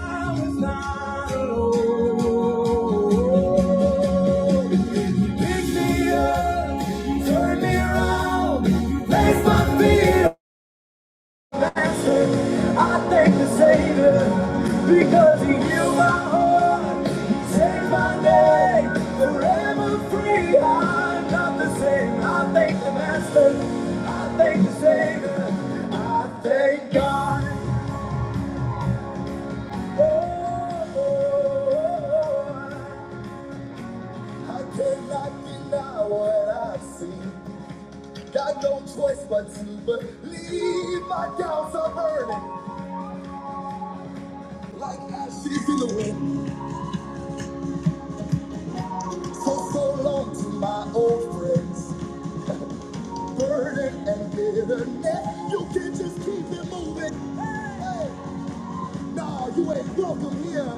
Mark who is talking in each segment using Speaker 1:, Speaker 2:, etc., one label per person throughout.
Speaker 1: Pick me up, turn me around, place my feet on I thank the Savior because He healed my heart, He saved my day, forever free. I'm not the same. I thank the Master, I thank the Savior, I thank God. Oh, oh, oh, oh. oh. I cannot deny what I see. Got no choice but to believe my doubts are burning like ashes in the wind. So, so long to my old friends. Burden and bitterness, you can not just keep it moving. Hey, hey. Nah, you ain't welcome here.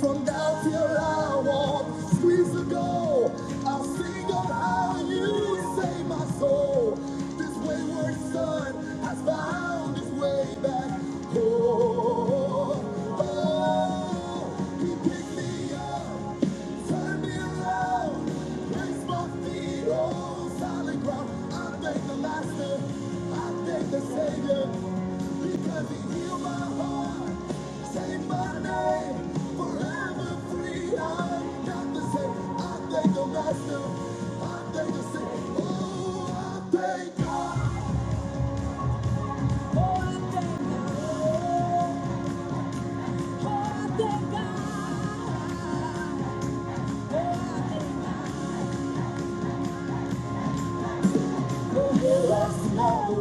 Speaker 1: From down till I walk, squeeze ago, I'll sing of how you saved my soul. This wayward son has found his way back home. Oh, he picked me up. Turn me around, place my feet on solid ground. I thank the Master, I thank the Savior, because He healed my heart, saved my name, forever free. I'm the same. I thank the Master, I thank the Savior. Oh, I thank God. Oh, I thank God. Just I have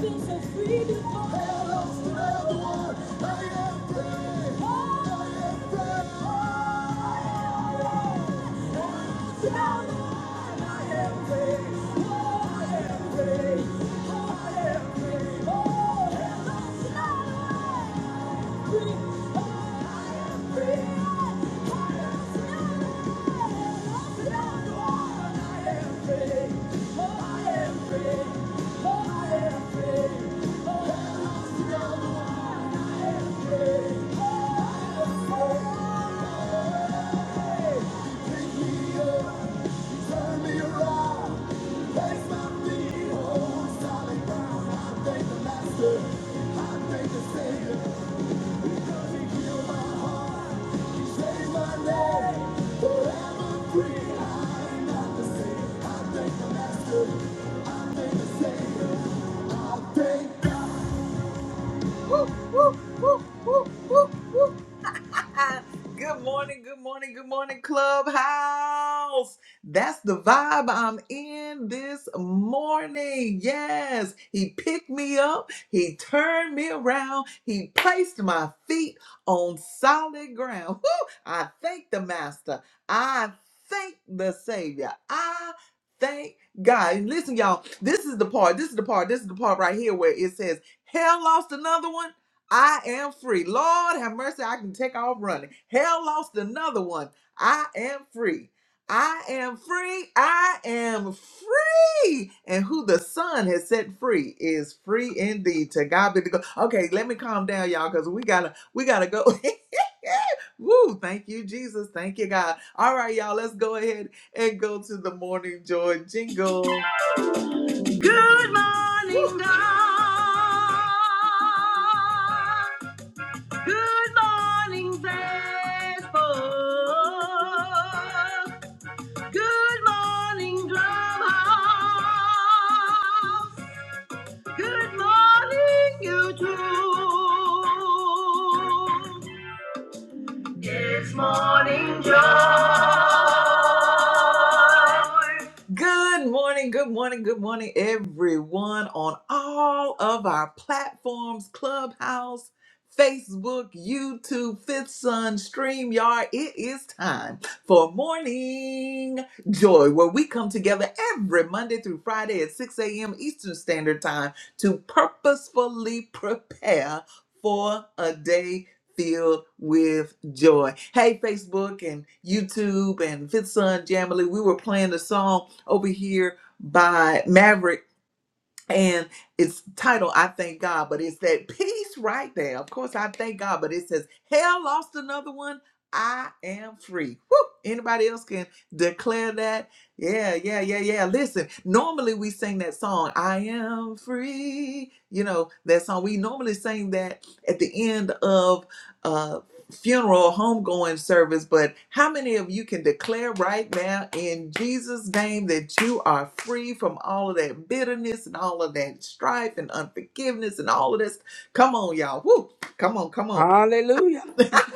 Speaker 1: been so free before. I lost another one. I am free. Oh, I am free. Woo, woo, woo, woo, woo, woo. good morning, good morning, good morning, Clubhouse. That's the vibe I'm in this morning. Yes, he picked me up, he turned me around, he placed my feet on solid ground. Woo! I thank the Master, I thank the Savior, I thank God. And listen, y'all, this is the part, this is the part, this is the part right here where it says, Hell lost another one I am free. Lord have mercy, I can take off running. Hell lost another one. I am free. I am free. I am free. And who the Son has set free is free indeed. To God be the go. Okay, let me calm down, y'all, because we gotta we gotta go. Woo, thank you, Jesus. Thank you, God. All right, y'all, let's go ahead and go to the morning joy jingle. Good morning, Woo. God. Good morning, Facebook. Good morning, Drumhouse. Good morning, YouTube. Good morning, good morning, good morning, everyone on all of our platforms Clubhouse, Facebook, YouTube, Fifth Sun, StreamYard. It is time for Morning Joy, where we come together every Monday through Friday at 6 a.m. Eastern Standard Time to purposefully prepare for a day filled with joy. Hey, Facebook and YouTube and Fifth Son Jamily, we were playing the song over here by Maverick. And it's titled I Thank God, but it's that peace right there. Of course, I thank God, but it says, Hell lost another one. I am free. Woo! Anybody else can declare that? Yeah, yeah, yeah, yeah. Listen, normally we sing that song, I am free. You know, that song. We normally sing that at the end of uh funeral homegoing service, but how many of you can declare right now in Jesus' name that you are free from all of that bitterness and all of that strife and unforgiveness and all of this? Come on, y'all. Woo! Come on, come on.
Speaker 2: Hallelujah.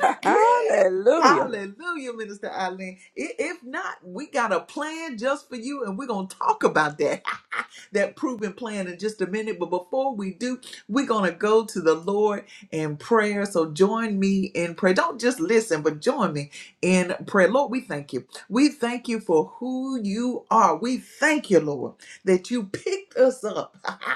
Speaker 1: yes.
Speaker 2: Hallelujah.
Speaker 1: Hallelujah, Minister Eileen. I- If not, we got a plan just for you, and we're going to talk about that, that proven plan in just a minute. But before we do, we're going to go to the Lord in prayer. So join me in prayer. Don't just listen, but join me in prayer. Lord, we thank you. We thank you for who you are. We thank you, Lord, that you picked us up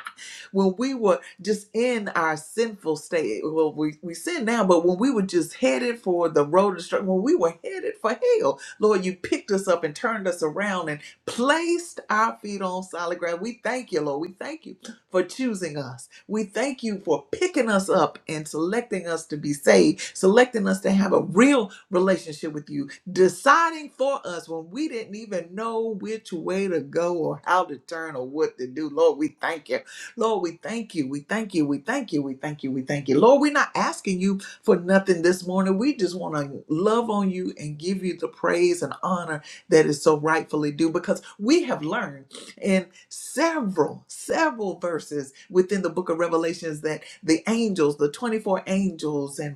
Speaker 1: when we were just in our sinful state. Well, we, we sin now, but when we were just headed for the road of destruction, when we were headed for hell, Lord, you picked us up and turned us around and placed our feet on solid ground. We thank you, Lord. We thank you for choosing us. We thank you for picking us up and selecting us to be saved, selecting us to have a real relationship with you, deciding for us when we didn't even know which way to go or how to turn or what to do. Lord, we thank you. Lord, we thank you. We thank you. We thank you. We thank you. We thank you. Lord, we're not asking you for nothing this morning. We just want to love on you and give you the praise and honor that is so rightfully due because we have learned in several, several verses within the book of Revelations that the angels, the 24 angels, and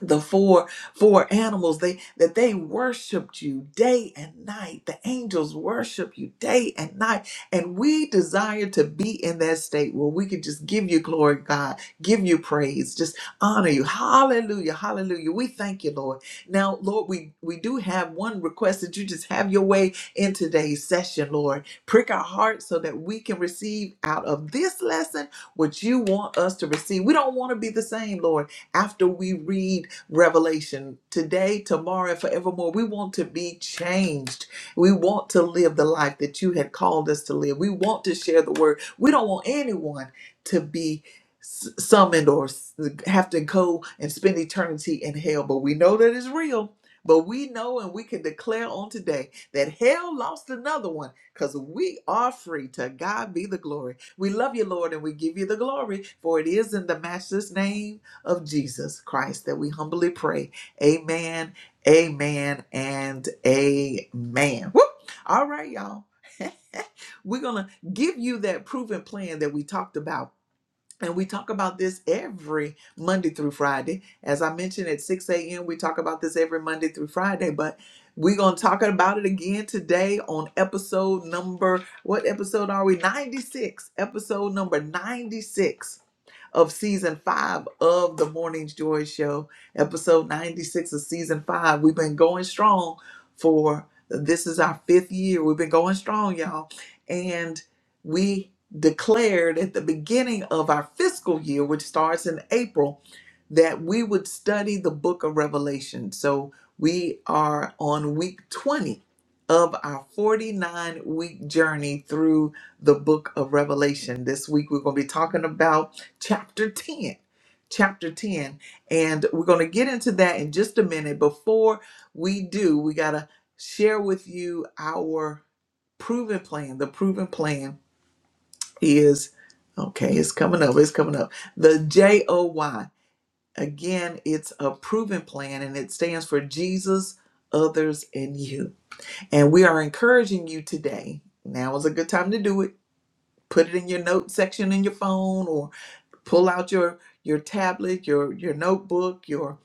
Speaker 1: the four four animals they that they worshiped you day and night the angels worship you day and night and we desire to be in that state where we can just give you glory god give you praise just honor you hallelujah hallelujah we thank you lord now lord we we do have one request that you just have your way in today's session lord prick our hearts so that we can receive out of this lesson what you want us to receive we don't want to be the same lord after we read revelation today, tomorrow, and forevermore. We want to be changed. We want to live the life that you had called us to live. We want to share the word. We don't want anyone to be s- summoned or s- have to go and spend eternity in hell, but we know that it's real. But we know and we can declare on today that hell lost another one because we are free. To God be the glory. We love you, Lord, and we give you the glory, for it is in the Master's name of Jesus Christ that we humbly pray. Amen, amen, and amen. Woo! All right, y'all. We're going to give you that proven plan that we talked about. And we talk about this every Monday through Friday. As I mentioned at 6 a.m., we talk about this every Monday through Friday, but we're going to talk about it again today on episode number, what episode are we? 96. Episode number 96 of season five of the Morning Joy Show, episode 96 of season five. We've been going strong for this is our fifth year. We've been going strong, y'all. And we declared at the beginning of our fiscal year, which starts in April, that we would study the book of Revelation. So we are on week 20 of our 49 week journey through the book of Revelation. This week we're going to be talking about chapter 10 chapter 10 and we're going to get into that in just a minute before we do we got to share with you our proven plan the proven plan is okay it's coming up it's coming up the j-o-y again it's a proven plan and it stands for jesus others and you and we are encouraging you today now is a good time to do it put it in your note section in your phone or pull out your your tablet your your notebook your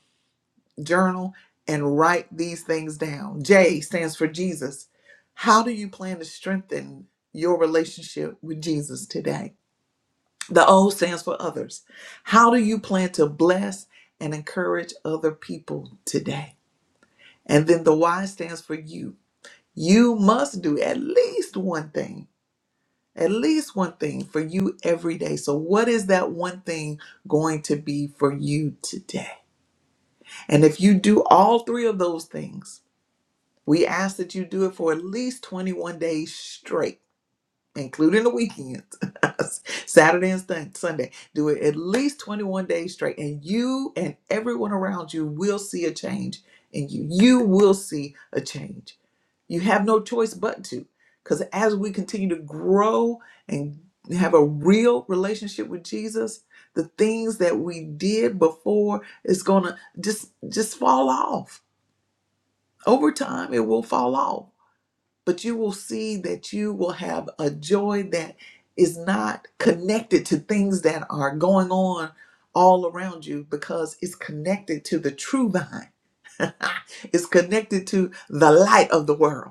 Speaker 1: journal and write these things down j stands for jesus how do you plan to strengthen your relationship with jesus today the o stands for others how do you plan to bless and encourage other people today and then the y stands for you you must do at least one thing at least one thing for you every day. So, what is that one thing going to be for you today? And if you do all three of those things, we ask that you do it for at least 21 days straight, including the weekends, Saturday and Sun- Sunday. Do it at least 21 days straight, and you and everyone around you will see a change in you. You will see a change. You have no choice but to. Because as we continue to grow and have a real relationship with Jesus, the things that we did before is gonna just just fall off. Over time it will fall off. But you will see that you will have a joy that is not connected to things that are going on all around you because it's connected to the true vine. it's connected to the light of the world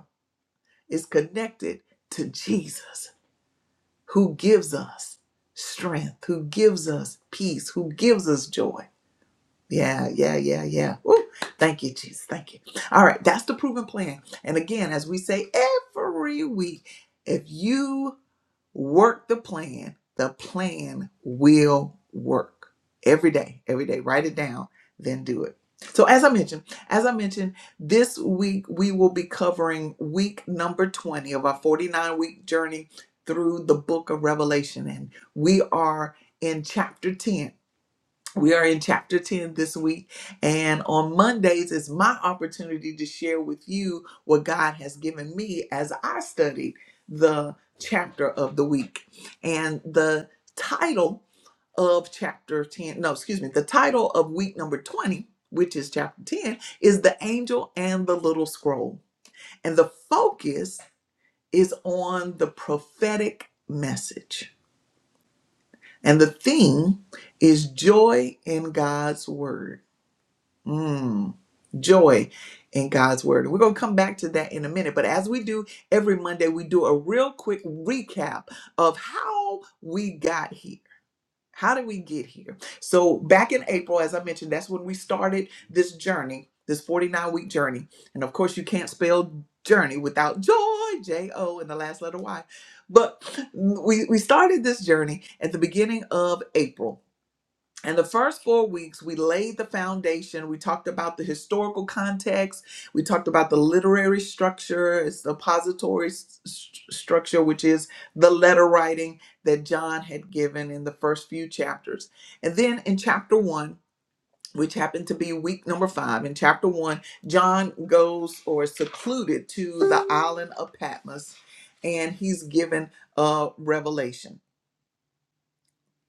Speaker 1: is connected to Jesus, who gives us strength, who gives us peace, who gives us joy. Yeah, yeah, yeah, yeah. Woo. Thank you, Jesus. Thank you. All right, that's the proven plan. And again, as we say every week, if you Work the plan. The plan will work every day, every day. Write it down, then do it. So, as I mentioned, as I mentioned, this week we will be covering week number 20 of our 49 week journey through the book of Revelation. And we are in chapter 10 we are in chapter 10 this week, and on Mondays is my opportunity to share with you what God has given me as I studied the chapter of the week. And the title of chapter 10, no, excuse me, the title of week number 20, which is chapter 10, is The Angel and the Little Scroll. And the focus is on the prophetic message. And the theme is joy in God's word. Mm, joy in God's word. We're going to come back to that in a minute. But as we do every Monday, we do a real quick recap of how we got here. How did we get here? So, back in April, as I mentioned, that's when we started this journey, this 49 week journey. And of course, you can't spell journey without joy, J O, and the last letter Y. But mm, we, we started this journey at the beginning of April and the first four weeks, we laid the foundation. We talked about the historical context. We talked about the literary structure, its depository s- st- structure, which is the letter writing that John had given in the first few chapters. And then in chapter one, which happened to be week number five, in chapter one, John goes or is secluded to the island of Patmos and he's given a revelation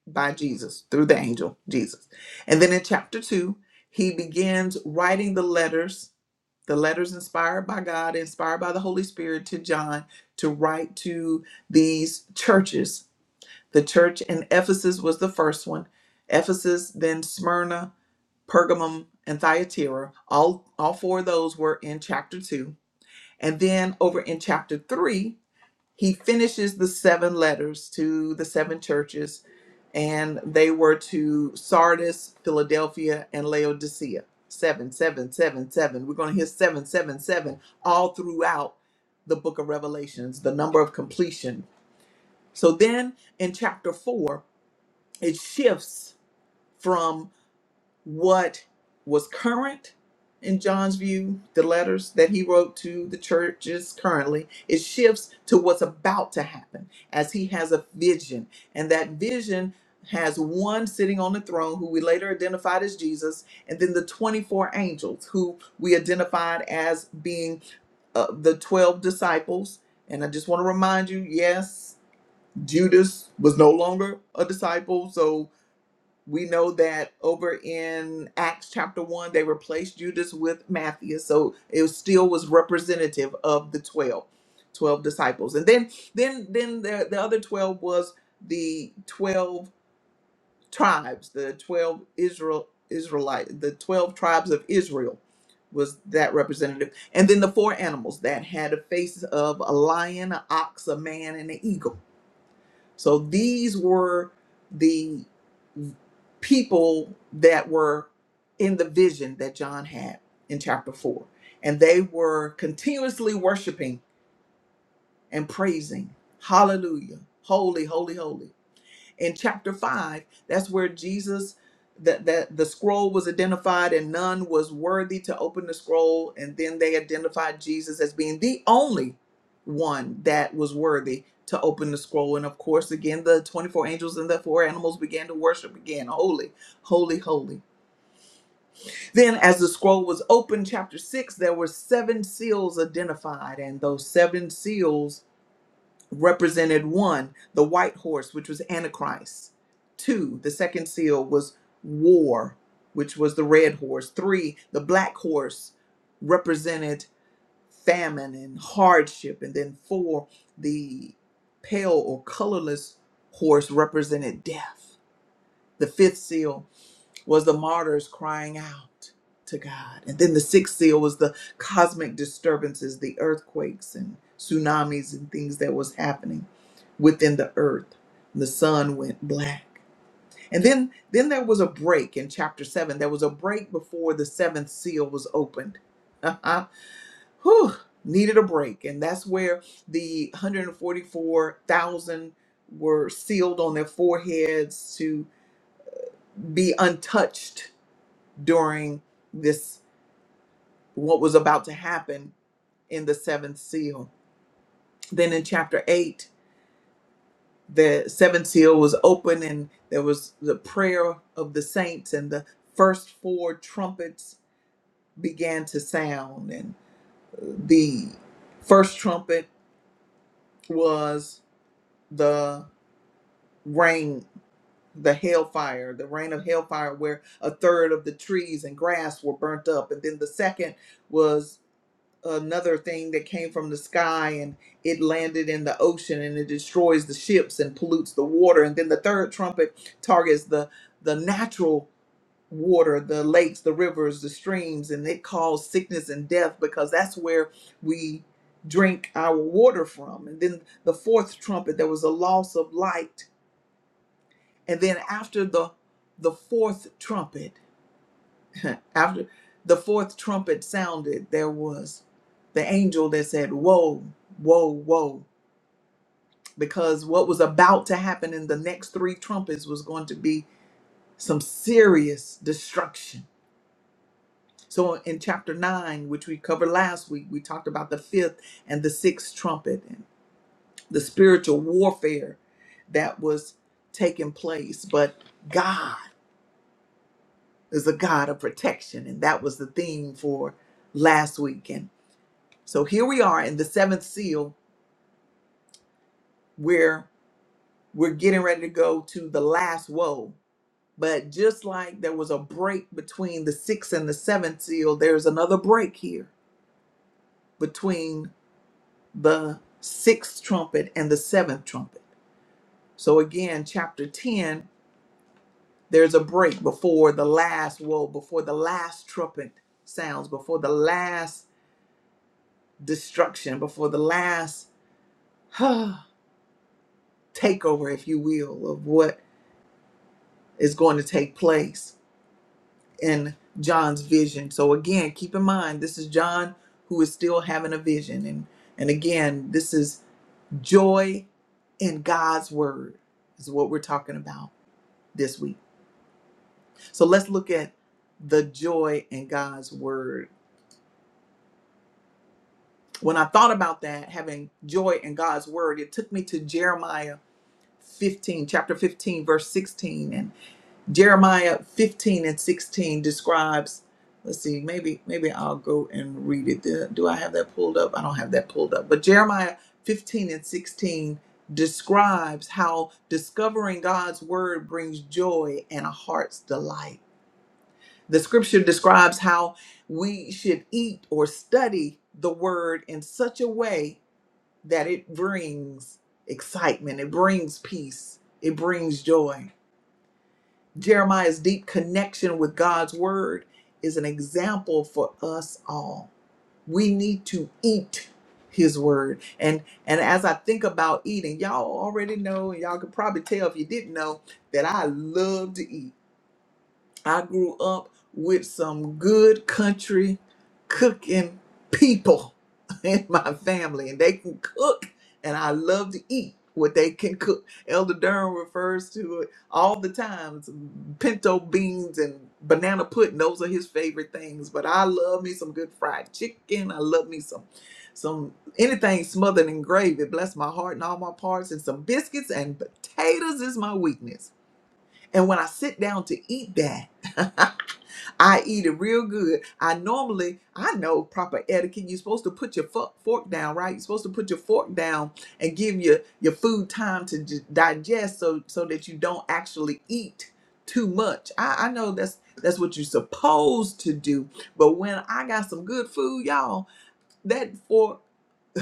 Speaker 1: by Jesus through the angel Jesus. And then in chapter 2, he begins writing the letters, the letters inspired by God, inspired by the Holy Spirit to John to write to these churches. The church in Ephesus was the first one. Ephesus, then Smyrna, Pergamum, and Thyatira. All all four of those were in chapter 2. And then over in chapter 3, he finishes the seven letters to the seven churches and they were to Sardis, Philadelphia, and Laodicea. Seven, seven, seven, seven. We're going to hear seven, seven, seven all throughout the book of Revelations, the number of completion. So then in chapter four, it shifts what was current in John's view, the letters that he wrote to the churches currently, it shifts to what's about to happen as he has a vision. And that vision has one sitting on the throne who we later identified as Jesus, and then the 24 angels who we identified as being uh, the 12 disciples. And I just want to remind you yes, Judas was no longer a disciple, so we know that over in Acts chapter 1, they replaced Judas with Matthias. So it still was representative of the 12, 12 disciples. And then then then the, the other 12 was the 12 tribes, the 12 Israel Israelite, the 12 tribes of Israel was that representative. And then the four animals that had a face of a lion, an ox, a man, and an eagle so these were the people that were in the vision that John had in chapter 4. And they were continuously worshiping and praising. Hallelujah. Holy, holy, holy in chapter 5 that's where jesus that that the scroll was identified and none was worthy to open the scroll and then they identified jesus as being the only one that was worthy to open the scroll and of course again the 24 angels and the four animals began to worship again holy holy holy then as the scroll was opened chapter 6 there were seven seals identified and those seven seals represented one, the white horse, which was Antichrist. Two, the second seal was war, which was the red horse. Three, the black horse represented famine and hardship. And then four, the pale or colorless horse represented death. The fifth seal was the martyrs crying out to God. And then the sixth seal was the cosmic disturbances, the earthquakes and tsunamis and things that was happening within the earth. The sun went black. And then then there was a break in chapter 7. There was a break before the seventh seal was opened. uh Whew, needed a break. And that's where the 144,000 were sealed on their foreheads to be untouched during this what was about to happen in the seventh seal. Then in chapter 8, the seventh seal was open and there was the prayer of the saints and the first four trumpets began to sound and the first trumpet was the rain the hailfire, the rain of hailfire, where a third of the trees and grass were burnt up and then the second was another thing that came from the sky and it landed in the ocean and it destroys the ships and pollutes the water and then the third trumpet targets the the natural water the lakes the rivers the streams and it caused sickness and death because that's where we drink our water from and then the fourth trumpet there was a loss of light and then after the the fourth trumpet after the fourth trumpet sounded, there was the angel that said, Whoa, whoa, whoa. Because what was about to happen in the next three trumpets was going to be some serious destruction. So in chapter nine, which we covered last week, we talked about the fifth and the sixth trumpet and the spiritual warfare that was taking place. But God is a God of protection. And that was the theme for last week. So here we are in the seventh seal where we're getting ready to go to the last woe. But just like there was a break between the sixth and the seventh seal, there's another break here between the sixth trumpet and the seventh trumpet. So again, chapter 10, there's a break before the last woe, before the last trumpet sounds, before the last destruction, before the last takeover, if you will, of what is going to take place. in John's vision. So again, keep in mind this is John who is still having a vision and and again, this is joy in God's word is what we're talking about this week. So let's look at the joy in God's word. When I thought about that, having joy in God's word, it took me to Jeremiah 15, chapter 15, verse 16. Jeremiah 15 and 16 describes, let's see, maybe maybe I'll go and read it. Do do I have that pulled up? I don't have that pulled up. But Jeremiah 15 and 16 describes how discovering God's word brings joy and a heart's delight. The scripture describes how we should eat or study the word in such a way that it brings excitement, it brings peace, it brings joy. Jeremiah's deep connection with God's word is an example for us all. We need to eat his word. And and as I think about eating, y'all already know, and y'all could probably tell if you didn't know that I love to eat. I grew up with some good country cooking people in my family, and they can cook, and I love to eat what they can cook. Elder Durham refers to it all the time pinto beans and banana pudding. Those are his favorite things, but I love me some good fried chicken. I love me some. Some anything smothered in gravy, bless my heart and all my parts, and some biscuits and potatoes is my weakness. And when I sit down to eat that, I eat it real good. I normally, I know proper etiquette. You're supposed to put your fo- fork down, right? You're supposed to put your fork down and give your your food time to di- digest, so so that you don't actually eat too much. I, I know that's that's what you're supposed to do. But when I got some good food, y'all, that fork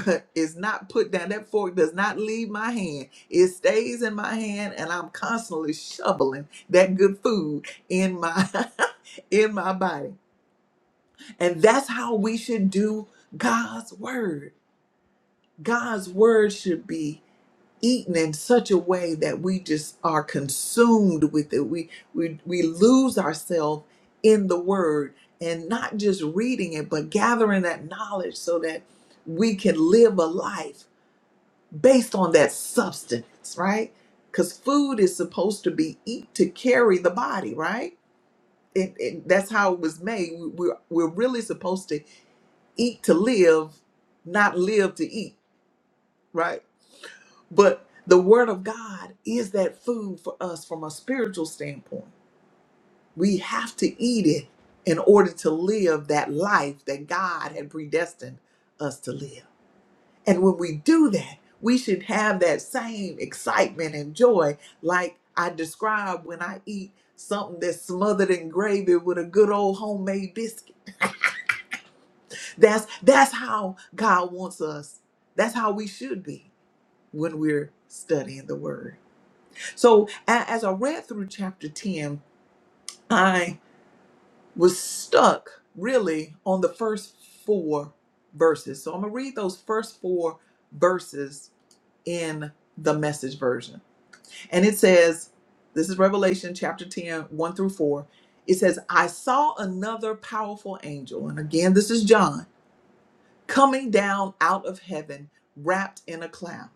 Speaker 1: is not put down. That fork does not leave my hand. It stays in my hand, and I'm constantly shoveling that good food in my in my body. And that's how we should do God's word. God's word should be eaten in such a way that we just are consumed with it. We we we lose ourselves in the word and not just reading it, but gathering that knowledge so that we can live a life based on that substance, right? Because food is supposed to be eat to carry the body, right? It, it, that's how it was made. We- We're, we're really supposed to eat to live, not live to eat, right? But the Word of God is that food for us from a spiritual standpoint. We have to eat it in order to live that life that God had predestined us to live. And when we do that, we should have that same excitement and joy like I describe when I eat something that's smothered in gravy with a good old homemade biscuit. That's that's how God wants us. That's how we should be when we're studying the word. So a- as I read through chapter 10, I was stuck really on the first 4 verses. So I'm going to read those first 4 verses in the message version. And it says, this is Revelation chapter ten, one through 4. It says, I saw another powerful angel, and again, this is John, coming down out of heaven wrapped in a cloud.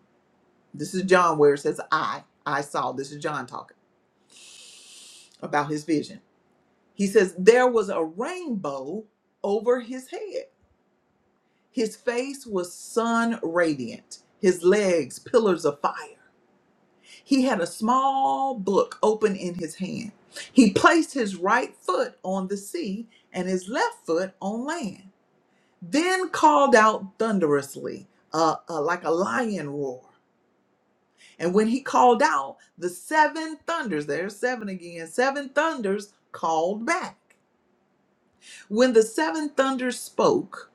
Speaker 1: This is John where it says, I, I saw. This is John talking about his vision. He says, There was a rainbow over his head. His face was sun radiant, his legs pillars of fire He had a small book open in his hand. He placed his right foot on the sea and his left foot on land, then called out thunderously, uh, uh, like a lion roar. And when he called out, the seven thunders, there's seven again, seven thunders called back. When the seven thunders spoke,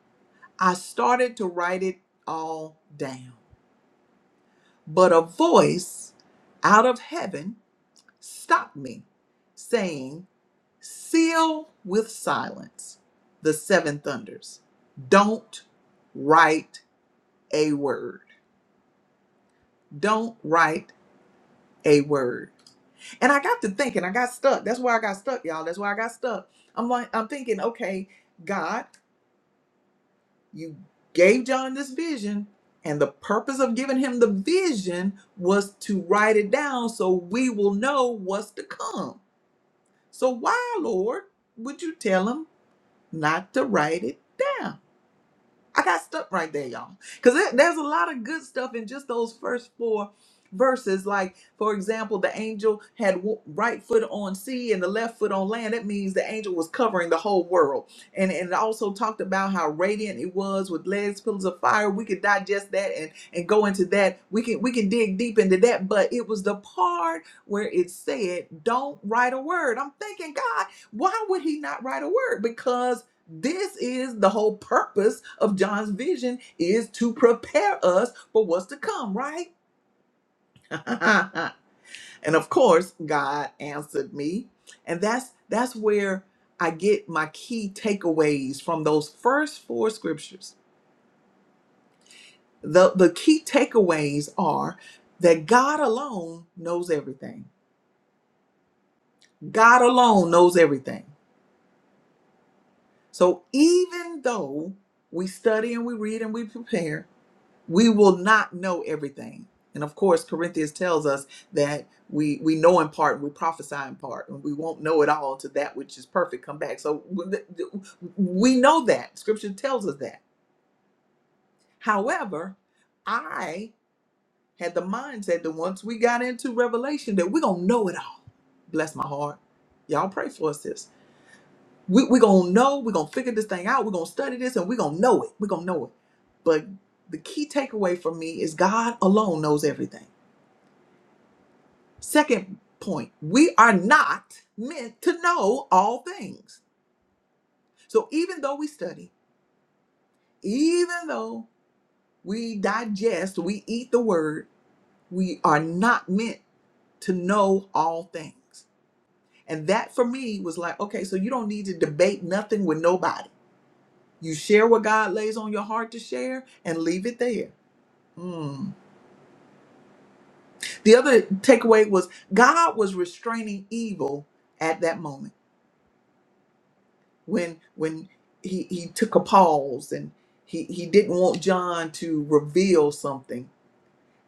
Speaker 1: I started to write it all down. But a voice out of heaven stopped me, saying, Seal with silence the seven thunders. Don't write a word. Don't write a word. And I got to thinking, I got stuck. That's where I got stuck, y'all. That's where I got stuck. I'm like, I'm thinking, okay, God, you gave John this vision, and the purpose of giving him the vision was to write it down so we will know what's to come. So why, Lord, would you tell him not to write it I got stuck right there, y'all. Because there's a lot of good stuff in just those first four verses. Like, for example, the angel had w- right foot on sea and the left foot on land. That means the angel was covering the whole world. And, and it also talked about how radiant it was with legs, pillars of fire. We could digest that and, and go into that. We can we can dig deep into that. But it was the part where it said, don't write a word. I'm thinking, God, why would he not write a word? Because this is the whole purpose of John's vision is to prepare us for what's to come, right? and of course, God answered me. And that's that's where I get my key takeaways from those first four scriptures. The the key takeaways are that God alone knows everything. God alone knows everything. So even though we study and we read and we prepare, we will not know everything and of course corinthians tells us that we we know in part and we prophesy in part and we won't know it all to that which is perfect come back so w- th- we know that scripture tells us that however i had the mindset that once we got into revelation that we're gonna know it all bless my heart y'all pray for us sis we we we gonna know we're gonna figure this thing out we're gonna study this and we're gonna know it we're gonna know it but the key takeaway for me is god alone knows everything Second point, we are not meant to know all things. So even though we study, even though we digest, we eat the word, we are not meant to know all things. And that for me was like, okay, so you don't need to debate nothing with nobody. You share what God lays on your heart to share and leave it there. Mm. The other takeaway was God was restraining evil at that moment. when when he he took a pause and he he didn't want John to reveal something.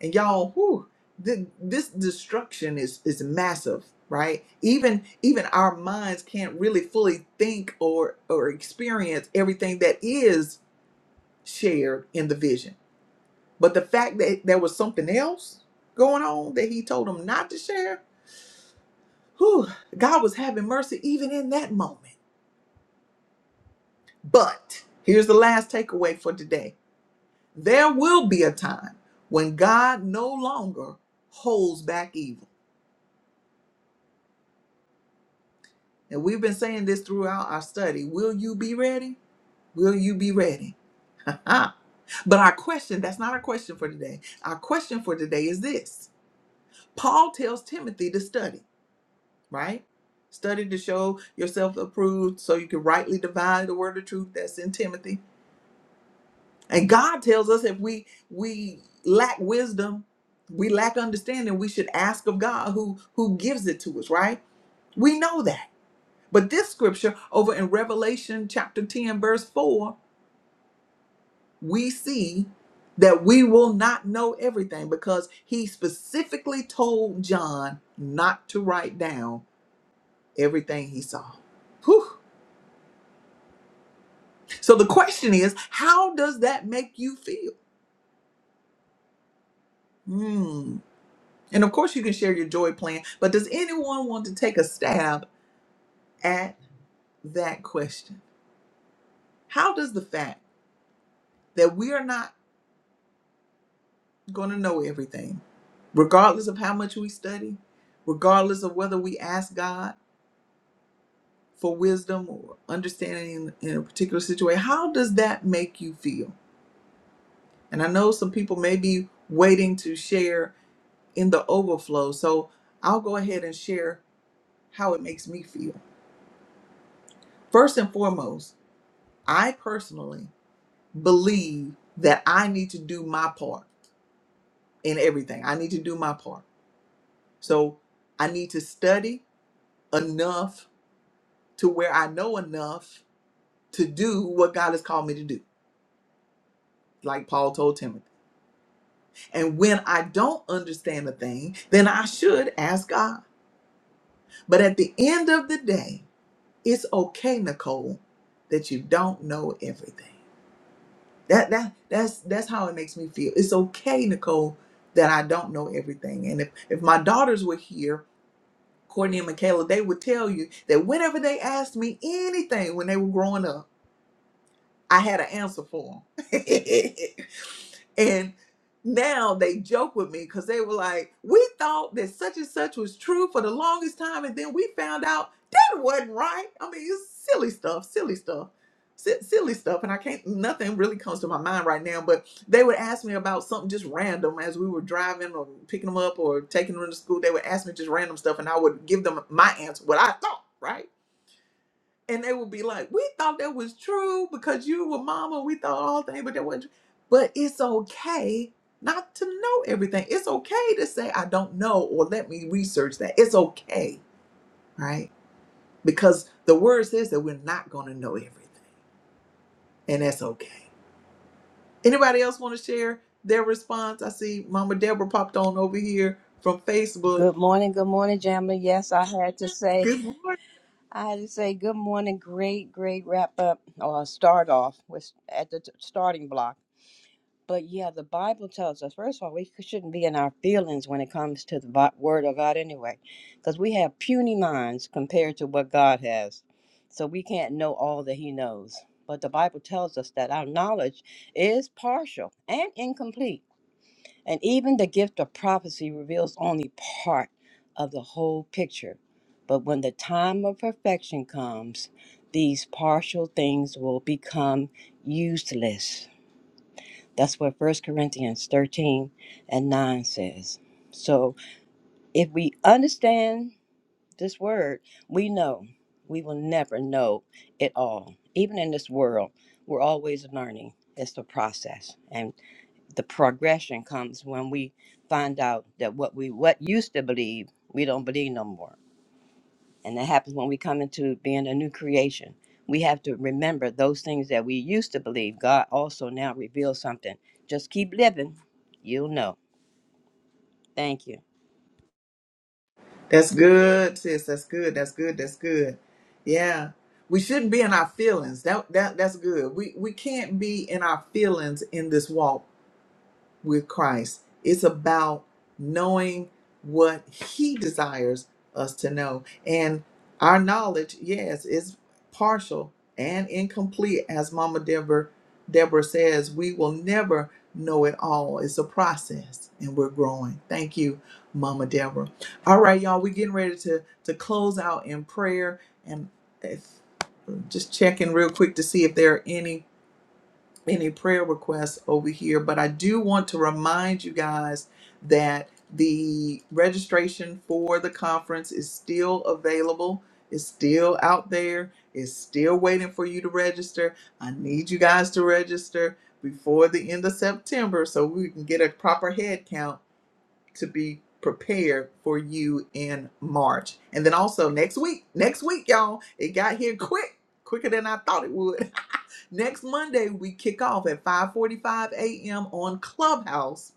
Speaker 1: And y'all, whew, thi- this destruction is is massive, right? Even even our minds can't really fully think or or experience everything that is shared in the vision. But the fact that there was something else going on that he told him not to share, whew, God was having mercy even in that moment. But here's the last takeaway for today There will be a time when God no longer holds back evil. And we've been saying this throughout our study. Will you be ready? Will you be ready? Ah, but our question, that's not our question for today. Our question for today is this Paul tells Timothy to study, right? Study to show yourself approved so you can rightly divide the word of truth that's in Timothy. And God tells us if we we lack wisdom, we lack understanding, we should ask of God who who gives it to us, right? We know that. But this scripture over in Revelation chapter 10 verse 4, we see that we will not know everything because he specifically told John not to write down everything he saw. Whew. So the question is, how does that make you feel? Hmm. And of course, you can share your joy plan, but does anyone want to take a stab at that question? How does the fact that we are not going to know everything, regardless of how much we study, regardless of whether we ask God for wisdom or understanding in, in a particular situation, how does that make you feel? And I know some people may be waiting to share in the overflow, so I'll go ahead and share how it makes me feel. First and foremost, I personally believe that I need to do my part in everything. I need to do my part. So I need to study enough to where I know enough to do what God has called me to do, like Paul told Timothy. And when I don't understand a thing, then I should ask God. But at the end of the day, it's okay, Nicole, that you don't know everything. That that that's that's how it makes me feel. It's okay, Nicole, that I don't know everything. And if if my daughters were here, Courtney and Michaela, they would tell you that whenever they asked me anything when they were growing up, I had an answer for them. and now they joke with me because they were like, we thought that such and such was true for the longest time, and then we found out that wasn't right. I mean, it's silly stuff, silly stuff, si- silly stuff. And I can't, nothing really comes to my mind right now, but they would ask me about something just random as we were driving or picking them up or taking them to school. They would ask me just random stuff, and I would give them my answer, what I thought, right? and they would be like, "We thought that was true because you were mama. We thought all things, but that wasn't." True. But it's okay not to know everything. It's okay to say I don't know or let me research that. It's okay, right? Because the word says that we're not going to know everything, and that's okay. Anybody else want to share their response? I see Mama Deborah popped on over here from Facebook.
Speaker 3: Good morning, good morning, Jamla. Yes, I had to say,
Speaker 1: Good morning.
Speaker 3: I had to say good morning. Great, great wrap up or start off with at the t- starting block. But yeah, the Bible tells us first of all we shouldn't be in our feelings when it comes to the Bi- Word of God anyway, because we have puny minds compared to what God has, so we can't know all that He knows. But the Bible tells us that our knowledge is partial and incomplete and even the gift of prophecy reveals only part of the whole picture. But when the time of perfection comes, these partial things will become useless. That's what First Corinthians 13 and 9 says. So if we understand this word, we know we will never know it all. Even in this world, we're always learning. It's a process. and the progression comes when we find out that what we what used to believe we don't believe no more and that happens when we come into being a new creation we have to remember those things that we used to believe god also now reveals something just keep living you'll know thank you
Speaker 1: That's good, sis. That's good. That's good. That's good. Yeah. We shouldn't be in our feelings. That that that's good. We we can't be in our feelings in this walk with Christ. It's about knowing what He desires us to know. And our knowledge, yes, is partial and incomplete. As Mama Deborah, Deborah says, we will never know it all. It's a process and we're growing. Thank you, Mama Deborah. All right, y'all, we're getting ready to, to close out in prayer and if, just checking real quick to see if there are any any prayer requests over here, but I do want to remind you guys that the registration for the conference is still available. It's still out there. It's still waiting for you to register. I need you guys to register before the end of September so we can get a proper head count to be prepared for you in March. And then also next week, next week, y'all, it got here quick, quicker than I thought it would. Next Monday, we kick off at 5:45 a.m. on Clubhouse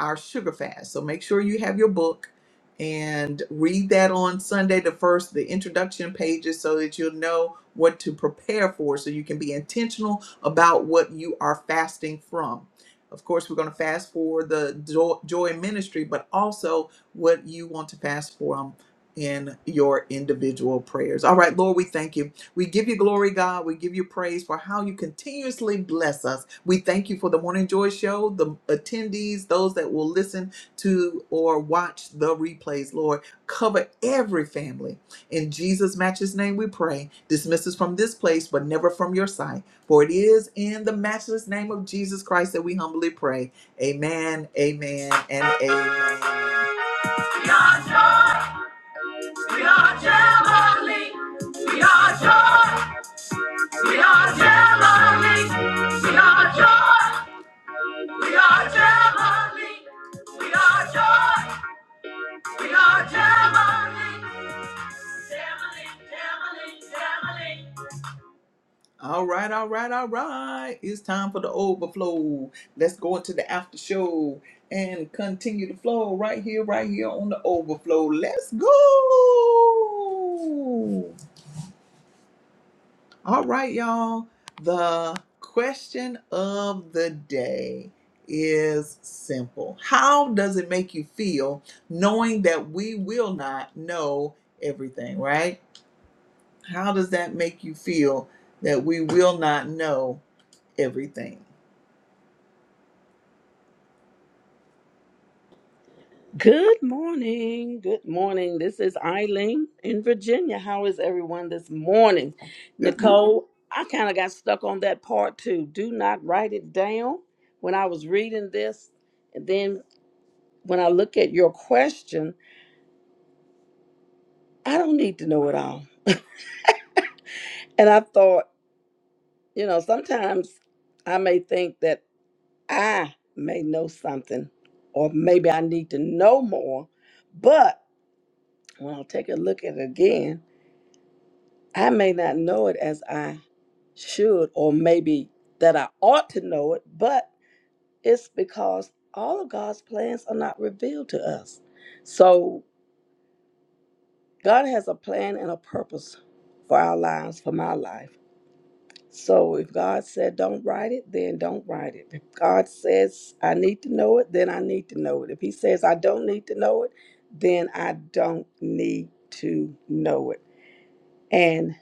Speaker 1: our sugar fast. So make sure you have your book and read that on Sunday the first the introduction pages so that you'll know what to prepare for so you can be intentional about what you are fasting from. Of course, we're going to fast for the jo- joy ministry, but also what you want to fast for um, in your individual prayers. All right, Lord, we thank you. We give you glory, God. We give you praise for how you continuously bless us. We thank you for the Morning Joy Show, the attendees, those that will listen to or watch the replays, Lord. Cover every family. In Jesus' matchless name, we pray. Dismiss us from this place, but never from your sight. For it is in the matchless name of Jesus Christ that we humbly pray. Amen, amen, and amen. We are joy. We are jubilee. We are joy. We are Gemini. We are joy. We are Gemini. We are joy. We are Gemini. Gemini, Gemini, Gemini. All right, all right, all right. It's time for the overflow. Let's go into the after show and continue the flow right here, right here on the overflow. Let's go. All right, y'all. The question of the day is simple How does it make you feel knowing that we will not know everything, right? How does that make you feel that we will not know everything?
Speaker 2: Good morning. Good morning. This is Eileen in Virginia. How is everyone this morning?
Speaker 1: Good morning.
Speaker 2: Nicole, I kind of got stuck on that part too. Do not write it down when I was reading this. And then when I look at your question, I don't need to know it all. And I thought, you know, sometimes I may think that I may know something or maybe I need to know more, but when I take a look at it again, I may not know it as I should, or maybe that I ought to know it, but it's because all of God's plans are not revealed to us. So God has a plan and a purpose for our lives, for my life. So if God said don't write it, then don't write it. If God says I need to know it, then I need to know it. If He says I don't need to know it, then I don't need to know it. And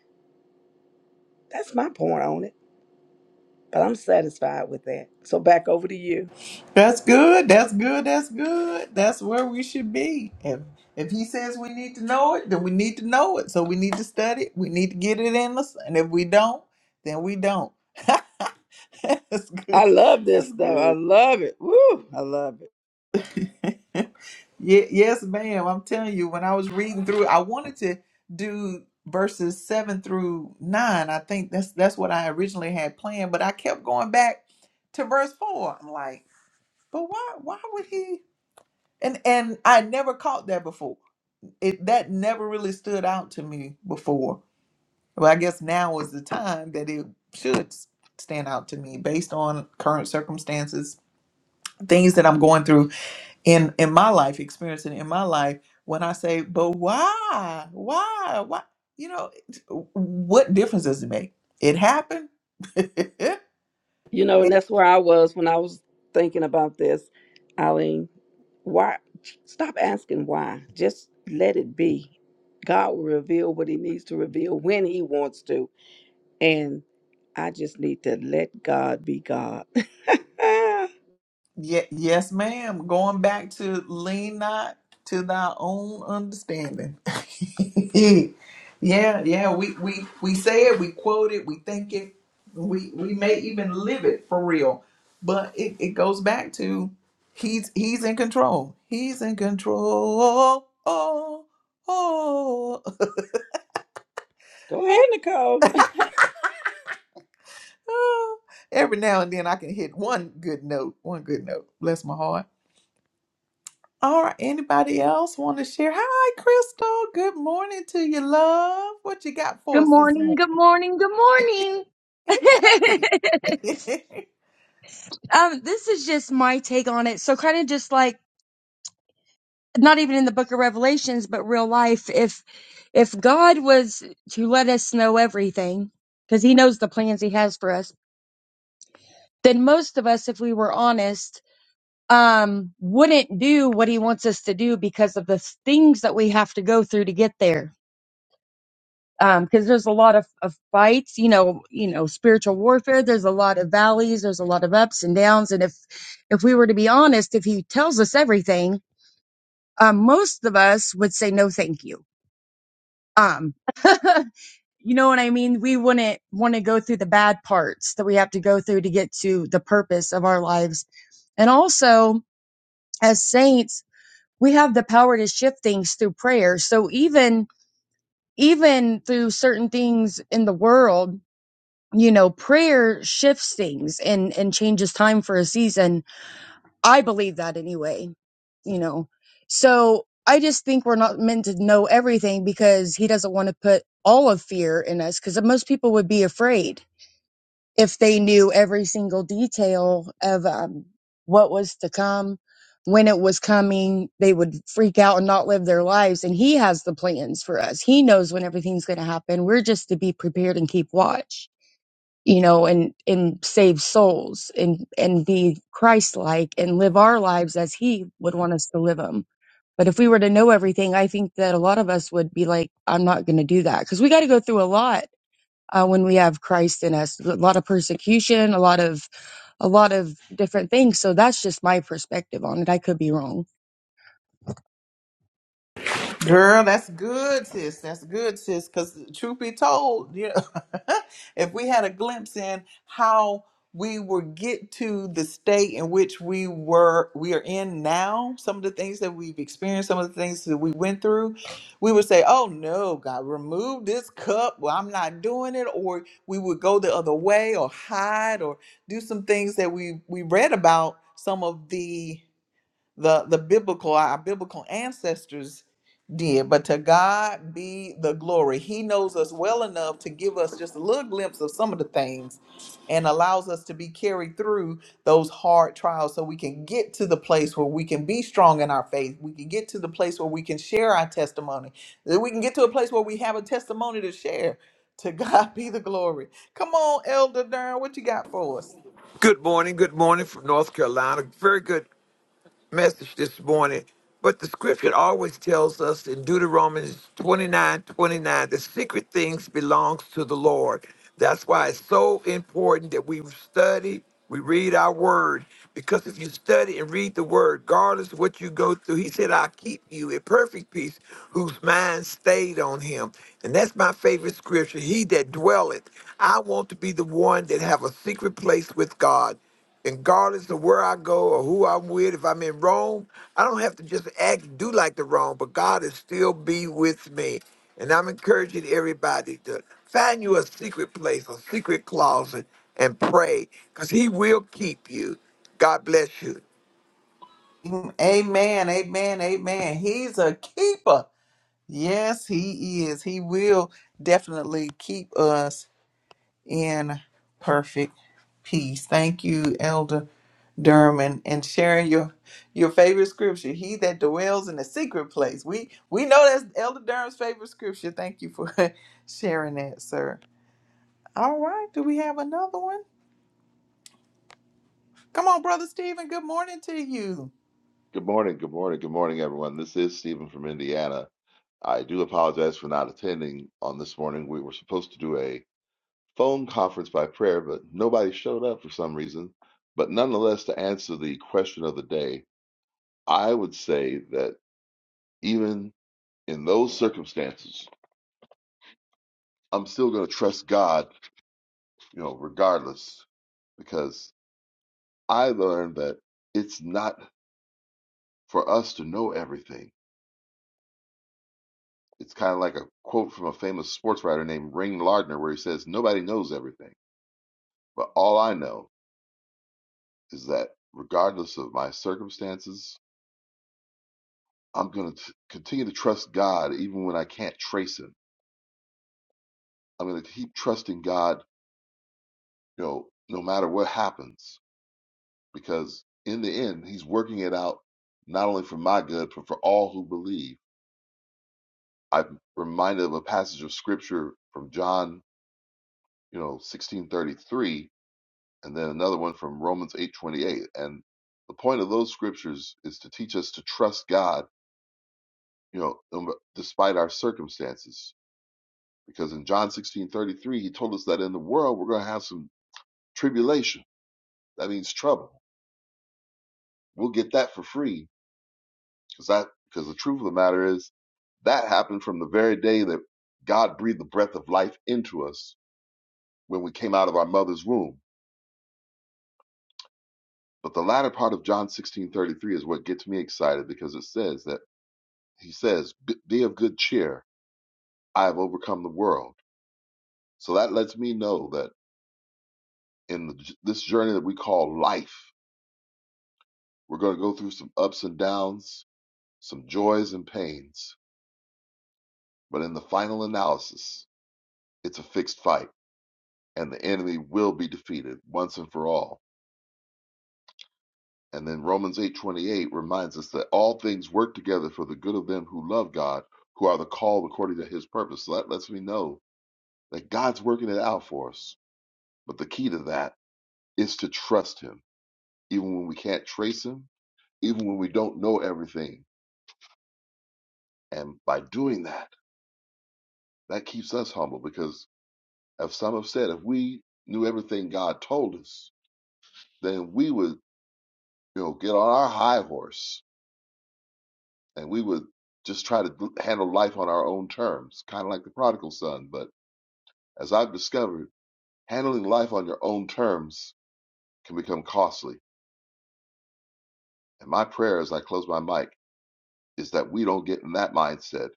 Speaker 2: that's my point on it But I'm satisfied with that. So back over to you.
Speaker 1: That's good. That's good. That's good. That's where we should be. If if he says we need to know it, then we need to know it. So we need to study it. We need to get it in us. And if we don't, then we don't. That's
Speaker 2: I
Speaker 1: good.
Speaker 2: love this
Speaker 1: That's
Speaker 2: stuff. I
Speaker 1: good.
Speaker 2: love it. Woo! I love it.
Speaker 1: Yeah, yes, ma'am. I'm telling you, when I was reading through, I wanted to do verses seven through nine. I think that's that's what I originally had planned, but I kept going back to verse four. I'm like, but why why would he and and I never caught that before. It that never really stood out to me before. Well, I guess now is the time that it should s- stand out to me based on current circumstances, things that I'm going through in in my life, experiencing in my life. When I say, "But why? Why? Why?" You know, what difference does it make? It happened. yeah,
Speaker 2: You know, and that's where I was when I was thinking about this, Eileen. Why? Stop asking why. Just let it be. God will reveal what He needs to reveal when He wants to. And I just need to let God be God.
Speaker 1: yes, ma'am. Going back to lean not to thy own understanding yeah, yeah. We we we say it, we quote it, we think it, we we may even live it for real. But it, it goes back to he's he's in control. He's in control. Oh, oh.
Speaker 2: Go ahead, Nicole.
Speaker 1: Every now and then I can hit one good note. One good note. Bless my heart. All right. Anybody else want to share? Hi, Crystal. Good morning to you, love. What you got for
Speaker 4: Good
Speaker 1: us this
Speaker 4: morning,
Speaker 1: morning?
Speaker 4: good morning, good morning. um, this is just my take on it. So kind of just like not even in the book of Revelations, but real life, if if God was to let us know everything, because he knows the plans he has for us, then most of us, if we were honest, um, wouldn't do what he wants us to do because of the things that we have to go through to get there Um, because there's a lot of, of fights you know you know spiritual warfare there's a lot of valleys there's a lot of ups and downs and if if we were to be honest if he tells us everything um, most of us would say no thank you um, you know what i mean we wouldn't want to go through the bad parts that we have to go through to get to the purpose of our lives and also as saints we have the power to shift things through prayer so even even through certain things in the world you know prayer shifts things and and changes time for a season i believe that anyway you know so i just think we're not meant to know everything because he doesn't want to put all of fear in us because most people would be afraid if they knew every single detail of um, what was to come when it was coming they would freak out and not live their lives and he has the plans for us he knows when everything's going to happen we're just to be prepared and keep watch you know, and and save souls and and be Christ-like and live our lives as He would want us to live them. But if we were to know everything, I think that a lot of us would be like, "I'm not going to do that," because we got to go through a lot uh, when we have Christ in us. A lot of persecution, a lot of a lot of different things. So that's just my perspective on it. I could be wrong.
Speaker 1: Girl, that's good, sis. That's good, sis. Because truth be told, you know, if we had a glimpse in how we would get to the state in which we were, we are in now, some of the things that we've experienced, some of the things that we went through, we would say, "Oh no, God, remove this cup. Well, I'm not doing it." Or we would go the other way, or hide, or do some things that we we read about. Some of the the the biblical our biblical ancestors did but to god be the glory he knows us well enough to give us just a little glimpse of some of the things and allows us to be carried through those hard trials so we can get to the place where we can be strong in our faith we can get to the place where we can share our testimony that we can get to a place where we have a testimony to share to god be the glory come on elder durham what you got for us
Speaker 5: Good morning. Good morning from North Carolina. Very good message this morning, but the scripture always tells us in Deuteronomy 29:29, the secret things belongs to the Lord. That's why it's so important that we study, we read our word, because if you study and read the word, regardless of what you go through, he said, I'll keep you in perfect peace, whose mind stayed on him. And that's my favorite scripture. He that dwelleth, I want to be the one that have a secret place with God. And regardless of where I go or who I'm with, if I'm in Rome, I don't have to just act, do like the Rome, but God is still be with me. And I'm encouraging everybody to find you a secret place, a secret closet, and pray, because He will keep you. God bless you.
Speaker 1: Mm, amen amen amen he's a keeper Yes, he is. He will definitely keep us in perfect peace. Thank you, Elder Durham, and sharing your your favorite scripture. He that dwells in the secret place. We we know that's Elder Durham's favorite scripture. Thank you for sharing that, sir. All right, do we have another one? Come on, Brother Stephen. Good morning to you.
Speaker 6: Good morning, good morning, good morning, everyone. This is Stephen from Indiana. I do apologize for not attending on this morning. We were supposed to do a phone conference by prayer, but nobody showed up for some reason. But nonetheless, to answer the question of the day, I would say that even in those circumstances, I'm still going to trust God, you know, regardless, because I learned that it's not for us to know everything it's kind of like a quote from a famous sports writer named Ring Lardner, where he says, Nobody knows everything, but all I know is that regardless of my circumstances, I'm going to continue to trust God even when I can't trace Him. I'm going to keep trusting God, you know, no matter what happens, because in the end, He's working it out not only for my good, but for all who believe. I'm reminded of a passage of scripture from John, you know, 1633 and then another one from Romans 8:28. And the point of those scriptures is to teach us to trust God, you know, um, despite our circumstances. Because in John 16:33, he told us that in the world we're going to have some tribulation. That means trouble. We'll get that for free because that because the truth of the matter is that happened from the very day that God breathed the breath of life into us when we came out of our mother's womb. But the latter part of John 16:33 is what gets me excited because it says that he says, "Be of good cheer. I have overcome the world." So that lets me know that in the, this journey that we call life, we're going to go through some ups and downs, some joys and pains. But in the final analysis, it's a fixed fight, and the enemy will be defeated once and for all. And then Romans eight twenty eight reminds us that all things work together for the good of them who love God, who are the called according to His purpose. So that lets me know that God's working it out for us. But the key to that is to trust him, even when we can't trace him, even when we don't know everything. And by doing that, that keeps us humble because as some have said, if we knew everything God told us, then we would, you know, get on our high horse and we would just try to handle life on our own terms, kind of like the prodigal son. But as I've discovered, handling life on your own terms can become costly. And my prayer as I close my mic is that we don't get in that mindset,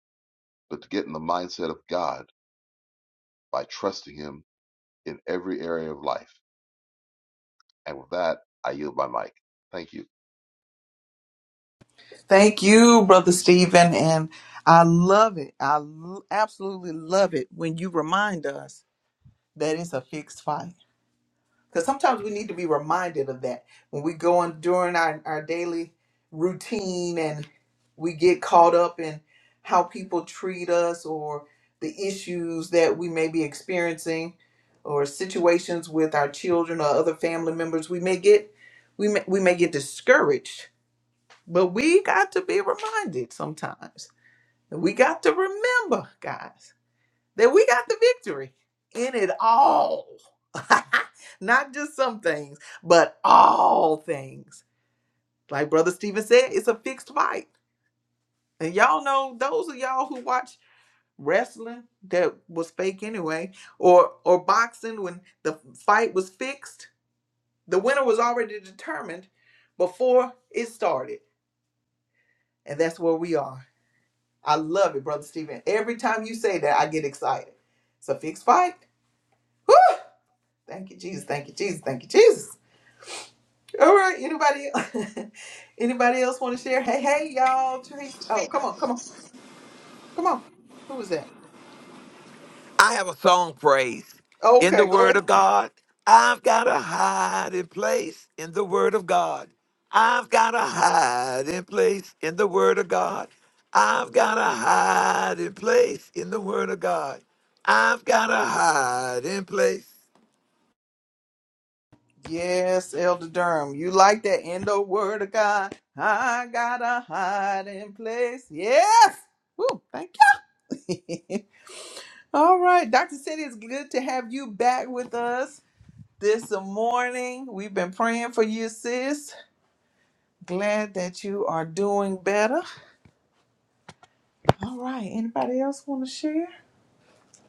Speaker 6: but to get in the mindset of God by trusting Him in every area of life. And with that, I yield my mic. Thank you.
Speaker 1: Thank you, Brother Stephen, and I love it. I l- absolutely love it when you remind us that is a fixed fight. Because sometimes we need to be reminded of that when we go on during our, our daily routine and we get caught up in how people treat us or the issues that we may be experiencing or situations with our children or other family members we may get we may, we may get discouraged but we got to be reminded sometimes we got to remember guys that we got the victory in it all. Not just some things, but all things. Like Brother Stephen said, it's a fixed fight. And y'all know those of y'all who watch wrestling that was fake anyway, or or boxing when the fight was fixed, the winner was already determined before it started. And that's where we are. I love it, Brother Stephen. Every time you say that, I get excited. It's a fixed fight. Woo! Thank you, Jesus. Thank you, Jesus. Thank you, Jesus. All right. Anybody anybody else want to share? Hey, hey, y'all. Teresa. Oh, come on, come on, come on. Who was that?
Speaker 5: I have a song praise in
Speaker 1: Okay,
Speaker 5: the
Speaker 1: go
Speaker 5: Word
Speaker 1: ahead.
Speaker 5: of God. I've got a hiding place in the Word of God. I've got a hiding place in the Word of God. I've got a hiding place in the Word of God. I've got a hiding place.
Speaker 1: Yes, Elder Durham. You like that endo word of God. I got a hiding place. Yes. Woo, thank you. All right. Dr. City, it's good to have you back with us this morning. We've been praying for you, sis. Glad that you are doing better. All right. Anybody else want to share?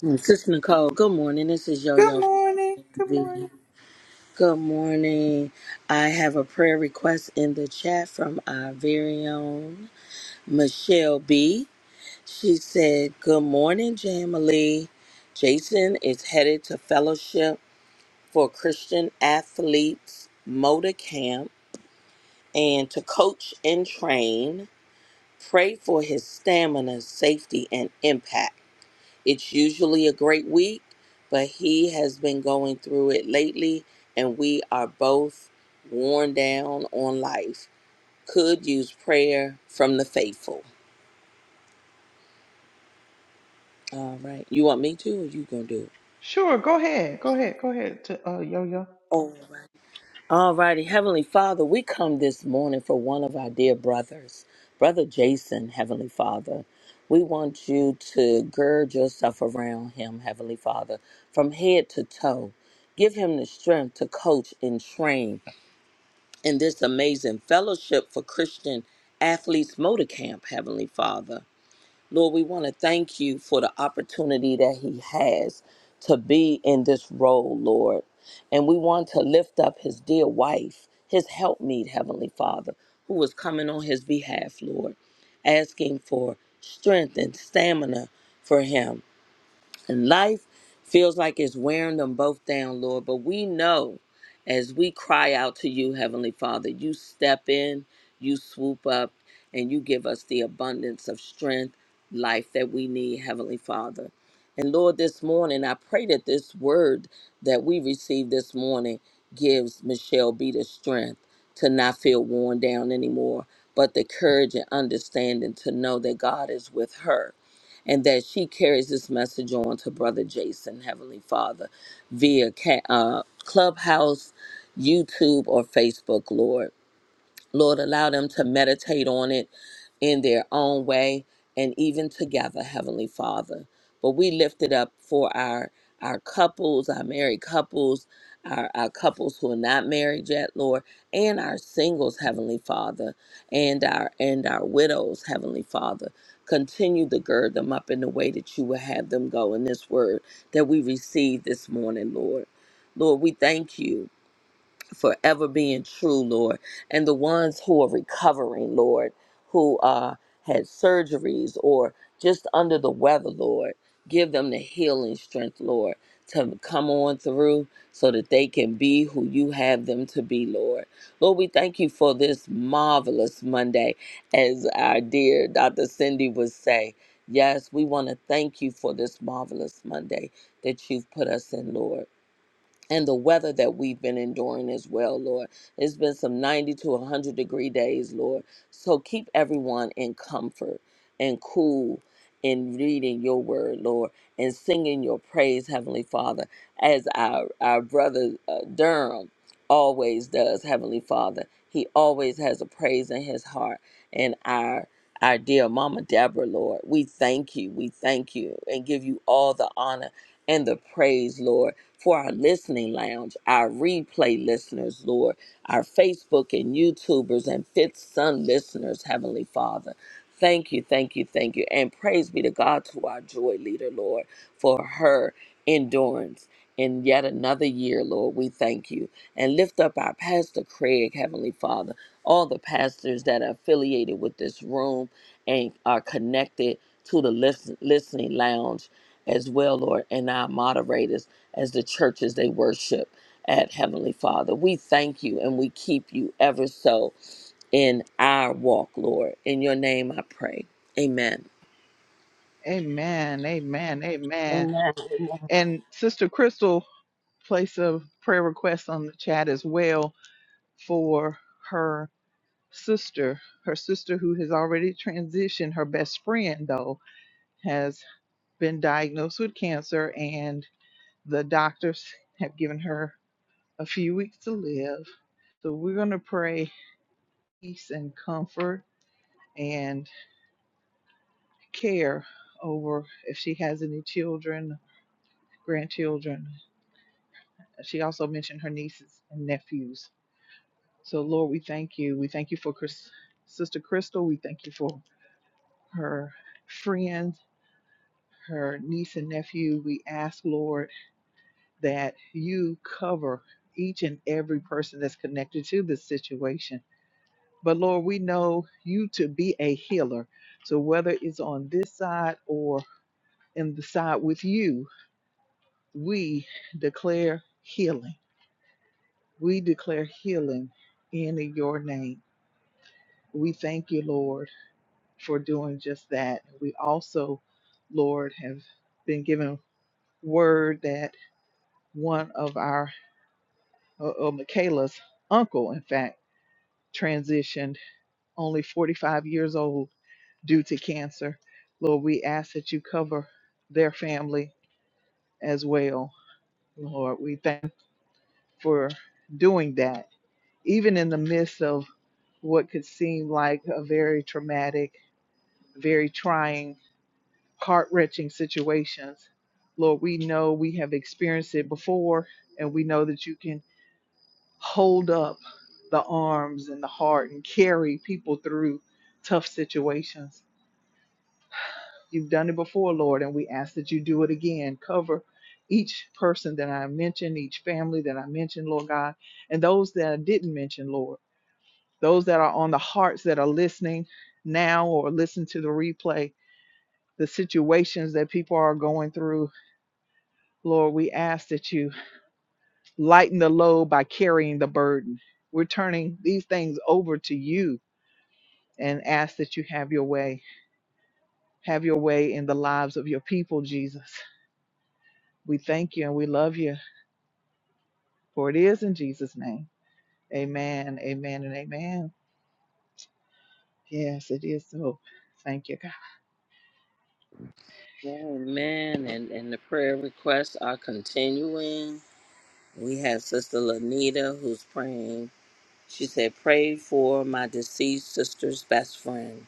Speaker 7: Mm, Sister Nicole, good morning. This is Yo
Speaker 1: Good
Speaker 7: Yo from
Speaker 1: morning. Good
Speaker 7: V.
Speaker 1: morning.
Speaker 7: Good morning. I have a prayer request in the chat from our very own Michelle B. She said, Good morning, Jamily. Jason is headed to fellowship for Christian athletes motor camp and to coach and train. Pray for his stamina, safety, and impact. It's usually a great week, but he has been going through it lately, and we are both worn down on life. Could use prayer from the faithful. All right. You want me to, or you going to do it?
Speaker 1: Sure, go ahead. Go ahead. Go ahead to uh yo yo.
Speaker 7: All right. All righty. Heavenly Father, we come this morning for one of our dear brothers, Brother Jason, Heavenly Father. We want you to gird yourself around him, Heavenly Father, from head to toe. Give him the strength to coach and train in this amazing fellowship for Christian Athletes Motor Camp, Heavenly Father. Lord, we want to thank you for the opportunity that he has to be in this role, Lord. And we want to lift up his dear wife, his helpmeet, Heavenly Father, who is coming on his behalf, Lord, asking for strength and stamina for him and life feels like it's wearing them both down, Lord. But we know as we cry out to you, Heavenly Father, you step in, you swoop up, and you give us the abundance of strength, life that we need, Heavenly Father. And Lord, this morning, I pray that this word that we received this morning gives Michelle B the strength to not feel worn down anymore, but the courage and understanding to know that God is with her and that she carries this message on to Brother Jason, Heavenly Father, via ca- uh, Clubhouse, YouTube, or Facebook, Lord. Lord, allow them to meditate on it in their own way and even together, Heavenly Father. But we lift it up for our our couples, our married couples, our, our couples who are not married yet, Lord, and our singles, Heavenly Father, and our and our widows, Heavenly Father. Continue to gird them up in the way that you will have them go in this word that we received this morning, Lord. Lord, we thank you forever being true, Lord, and the ones who are recovering, Lord, who uh, had surgeries or just under the weather, Lord. Give them the healing strength, Lord, to come on through so that they can be who you have them to be, Lord. Lord, we thank you for this marvelous Monday, as our dear Dr. Cindy would say. Yes, we want to thank you for this marvelous Monday that you've put us in, Lord and the weather that we've been enduring as well, Lord. It's been some 90 to 100 degree days, Lord. So keep everyone in comfort and cool in reading your word, Lord, and singing your praise, Heavenly Father, as our, our brother uh, Durham always does, Heavenly Father. He always has a praise in his heart and our our dear Mama Deborah, Lord, we thank you, we thank you, and give you all the honor and the praise, Lord for our listening lounge, our replay listeners, Lord, our Facebook and YouTubers and Fifth Son listeners, Heavenly Father. Thank you, thank you, thank you. And praise be to God to our joy leader, Lord, for her endurance in yet another year, Lord. We thank you. And lift up our Pastor Craig, Heavenly Father, all the pastors that are affiliated with this room and are connected to the listen, listening lounge as well, Lord, and our moderators as the churches they worship at Heavenly Father. We thank you and we keep you ever so in our walk, Lord. In your name I pray. Amen.
Speaker 1: Amen. Amen. Amen.
Speaker 3: Amen. Amen.
Speaker 1: And Sister Crystal placed a prayer request on the chat as well for her sister. Her sister who has already transitioned, her best friend though, has been diagnosed with cancer and the doctors have given her a few weeks to live. So we're gonna pray peace and comfort and care over if she has any children, grandchildren. She also mentioned her nieces and nephews. So, Lord, we thank you. We thank you for Chris, Sister Crystal. We thank you for her friends, her niece and nephew. We ask, Lord, that you cover each and every person that's connected to this situation. But, Lord, we know you to be a healer. So, whether it's on this side or and beside with you. We declare healing. We declare healing in your name. We thank you, Lord, for doing just that. We also, Lord, have been given word that one of our, uh, uh, Michaela's uncle, in fact, transitioned only 45 years old due to cancer. Lord, we ask that you cover their family as well. Lord, we thank you for doing that even in the midst of what could seem like a very traumatic, very trying, heart wrenching situations. Lord, we know we have experienced it before, and we know that you can hold up the arms and the heart and carry people through tough situations. You've done it before, Lord, and we ask that you do it again. Cover each person that I mentioned, each family that I mentioned, Lord God, and those that I didn't mention, Lord. those that are on the hearts that are listening now or listen to the replay, the situations that people are going through. Lord, we ask that you lighten the load by carrying the burden. We're turning these things over to you and ask that you have your way. Have your way in the lives of your people, Jesus. We thank you and we love you, for it is in Jesus' name. Amen, amen, and amen. Yes, it is so. Thank you, God.
Speaker 7: Amen. And, and the prayer requests are continuing. We have Sister Lanita who's praying. She said, Pray for my deceased sister's best friend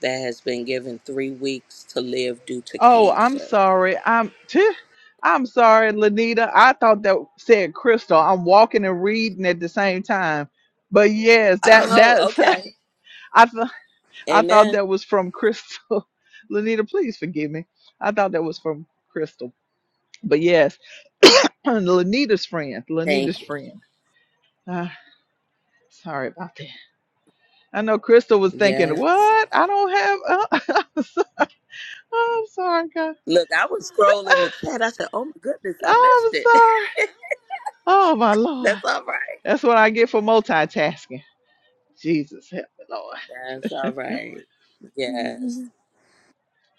Speaker 7: that has been given three weeks to live due to
Speaker 1: Oh, I'm
Speaker 7: cancer.
Speaker 1: sorry. I'm I'm sorry, Lanita. I thought that said crystal. I'm walking and reading at the same time. But yes, that
Speaker 7: Oh,
Speaker 1: that's
Speaker 7: okay.
Speaker 1: I th- I thought
Speaker 7: Amen.
Speaker 1: that was from Crystal. Lanita, please forgive me. I thought that was from Crystal. But yes, Lanita's friend.
Speaker 7: Thank
Speaker 1: Lanita's friend. Uh, sorry about that. I know Crystal was thinking,
Speaker 7: Yes.
Speaker 1: "What? I don't have." Uh, I'm sorry, God.
Speaker 7: Look, I was scrolling the chat. I said, "Oh my goodness, I missed
Speaker 1: I'm
Speaker 7: it."
Speaker 1: sorry. Oh my Lord.
Speaker 7: That's all right.
Speaker 1: That's what I get for multitasking. Jesus help me, Lord.
Speaker 7: That's all right. Yes.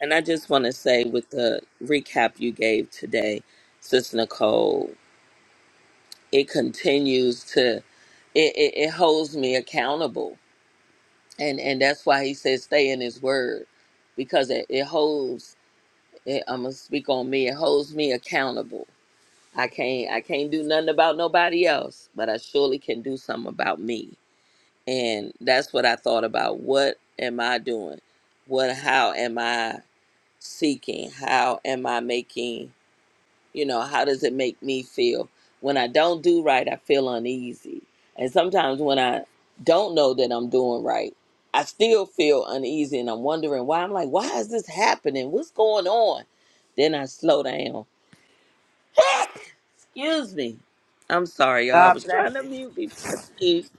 Speaker 7: And I just want to say, with the recap you gave today, Sis Nicole, it continues to it, it, it holds me accountable, and and that's why he says stay in His Word, because it, it holds. It, I'm gonna speak on me. It holds me accountable. I can't I can't do nothing about nobody else, but I surely can do something about me and that's what i thought about what am i doing what how am i seeking how am i making you know how does it make me feel when i don't do right i feel uneasy and sometimes when i don't know that i'm doing right i still feel uneasy and i'm wondering why i'm like why is this happening what's going on then i slow down excuse me i'm sorry y'all i
Speaker 3: God
Speaker 7: was trying
Speaker 3: bless
Speaker 7: to
Speaker 3: you.
Speaker 7: mute before i sneezed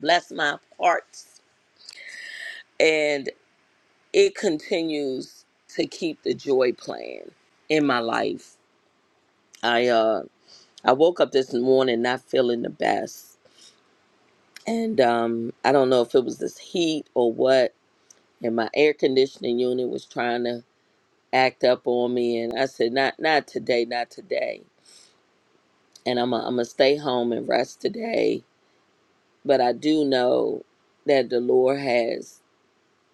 Speaker 7: bless my parts it continues to keep the joy playing in my life. I uh I woke up this morning not feeling the best. And um I don't know if it was this heat or what and my air conditioning unit was trying to act up on me and I said not not today, not today. And I'm i I'm gonna stay home and rest today, but I do know that the Lord has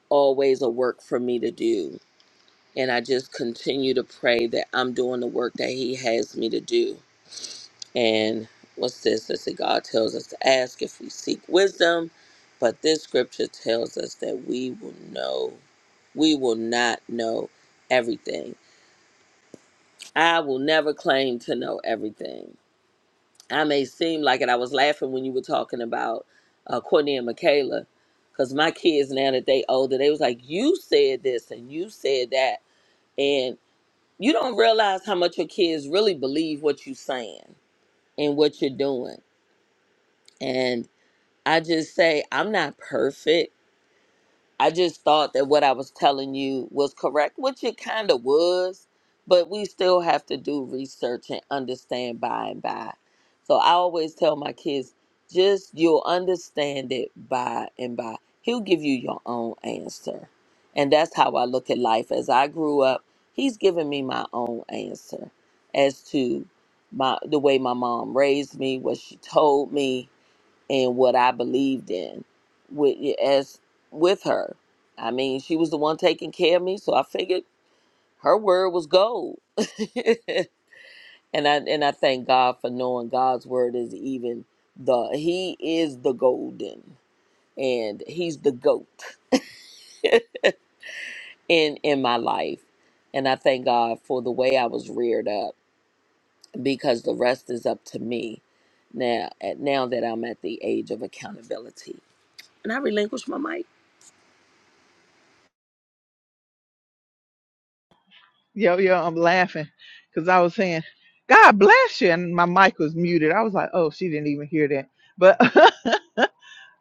Speaker 7: always a work for me to do And I just continue to pray that I'm doing the work that He has me to do. And what's this? Let's see, God tells us to ask if we seek wisdom, but this scripture tells us that we will know. We will not know everything. I will never claim to know everything. I may seem like it. I was laughing when you were talking about uh, Courtney and Michaela, because my kids now that they older, they was like, "You said this and you said that," and. you don't realize how much your kids really believe what you're saying and what you're doing. And I just say, I'm not perfect. I just thought that what I was telling you was correct, which it kind of was, but we still have to do research and understand by and by. So I always tell my kids, just you'll understand it by and by. He'll give you your own answer. And that's how I look at life. As I grew up, he's given me my own answer as to my the way my mom raised me, what she told me, and what I believed in with as with her. I mean, she was the one taking care of me, so I figured her word was gold. and I and I thank God for knowing God's word is even the he is the golden and he's the goat in in my life. And I thank God for the way I was reared up because the rest is up to me now at now that I'm at the age of accountability. And I relinquish my mic.
Speaker 1: Yo, yo, I'm laughing because I was saying, God bless you. And my mic was muted. I was like, oh, she didn't even hear that. But,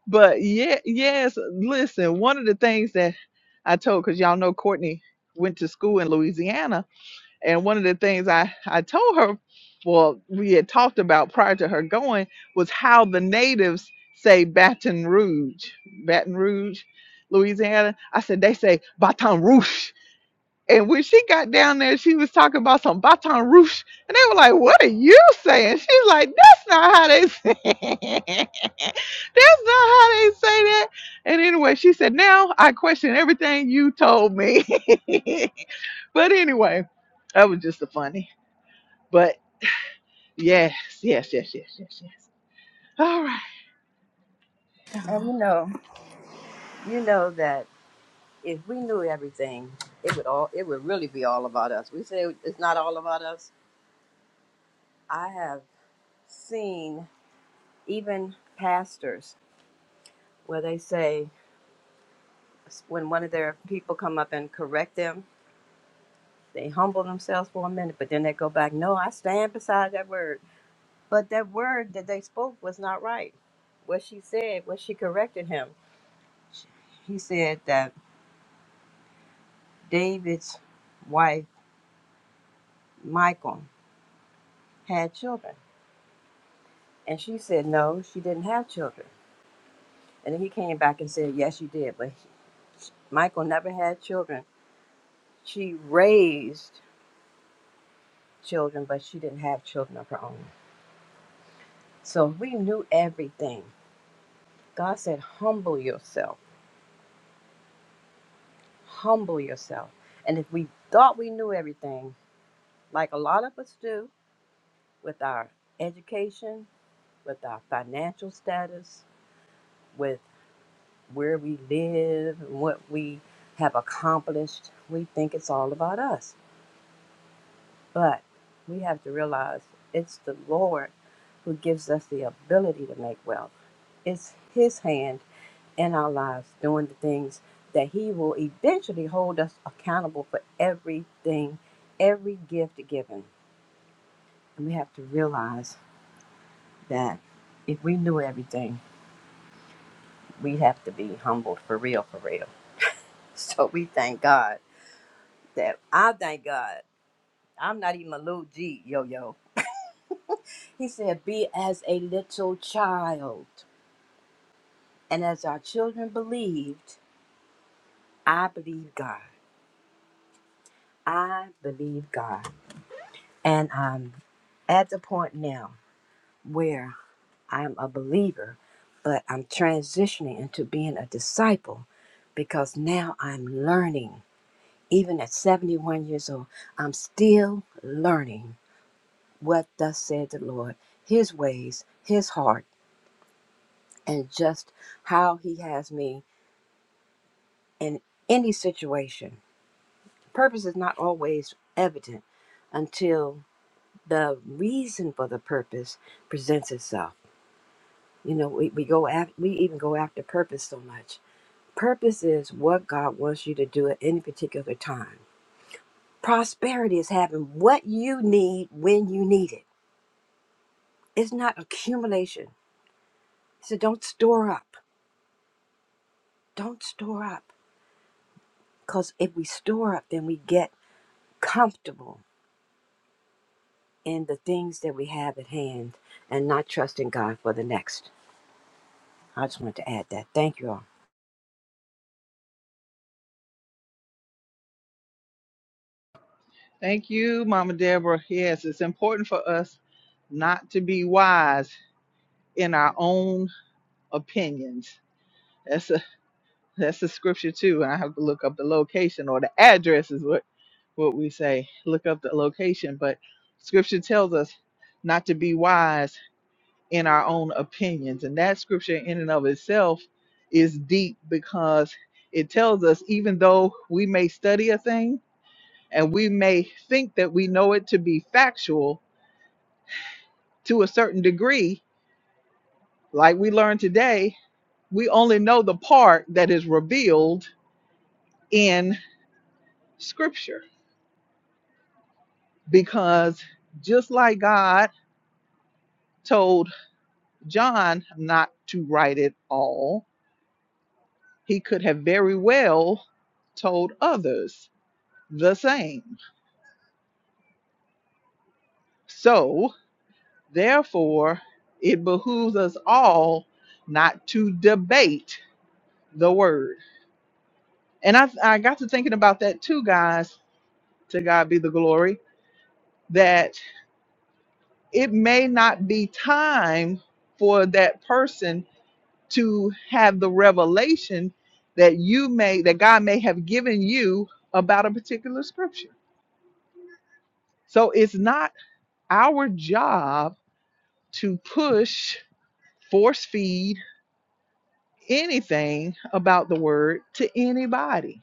Speaker 1: but yeah, yes, listen, one of the things that I told, because y'all know Courtney went to school in Louisiana And one of the things I, I told her, well, we had talked about prior to her going, was how the natives say Baton Rouge, Baton Rouge, Louisiana. I said, they say Baton Rouge. And when she got down there, she was talking about some baton rouge. And they were like, What are you saying? She's like, That's not how they say That's not how they say that. And anyway, she said, Now I question everything you told me. but anyway, that was just a funny. But yes, yes, yes, yes, yes, yes. All right.
Speaker 3: and
Speaker 1: y'all.
Speaker 3: you know you know that if we knew everything it would all it would really be all about us we say it's not all about us i have seen even pastors where they say when one of their people come up and correct them, they humble themselves for a minute, but then they go back, no, I stand beside that word. But that word that they spoke was not right. What she said, what she corrected him, sh- he said that David's wife, Michal had children. And she said, no, she didn't have children. And then he came back and said, yes, she did. But Michal never had children. She raised children, but she didn't have children of her own. So we knew everything. God said, humble yourself, humble yourself. And if we thought we knew everything, like a lot of us do with our education, with our financial status, with where we live, and what we have accomplished, we think it's all about us. But we have to realize it's the Lord who gives us the ability to make wealth. It's His hand in our lives, doing the things that He will eventually hold us accountable for everything, every gift given. And we have to realize that if we knew everything, we would have to be humbled for real, for real. So we thank God that I thank God. I'm not even a little G, yo yo. He said, Be as a little child. And as our children believed, I believe God. I believe God. And I'm at the point now where I'm a believer, but I'm transitioning into being a disciple because now I'm learning. Even at 71 years old, I'm still learning what thus said the Lord, His ways, His heart, and just how He has me in any situation. Purpose is not always evident until the reason for the purpose presents itself. You know, we, we go after, we even go after purpose so much Purpose is what God wants you to do at any particular time. Prosperity is having what you need when you need it. It's not accumulation. So don't store up. Don't store up. Because if we store up, then we get comfortable in the things that we have at hand and not trusting God for the next. I just wanted to add that. Thank you all.
Speaker 1: Thank you, Mama Deborah. Yes, it's important for us not to be wise in our own opinions. That's That's the scripture too. And I have to look up the location or the address is what what we say. Look up the location. But scripture tells us not to be wise in our own opinions. And that scripture in and of itself is deep because it tells us even though we may study a thing and we may think that we know it to be factual to a certain degree, like we learned today, we only know the part that is revealed in scripture because just like God told John not to write it all, he could have very well told others the same. So, therefore, it behooves us all not to debate the word. And I, I got to thinking about that too, guys. To God be the glory. That it may not be time for that person to have the revelation that you may that God may have given you about a particular scripture. So it's not our job to push, force feed anything about the word to anybody.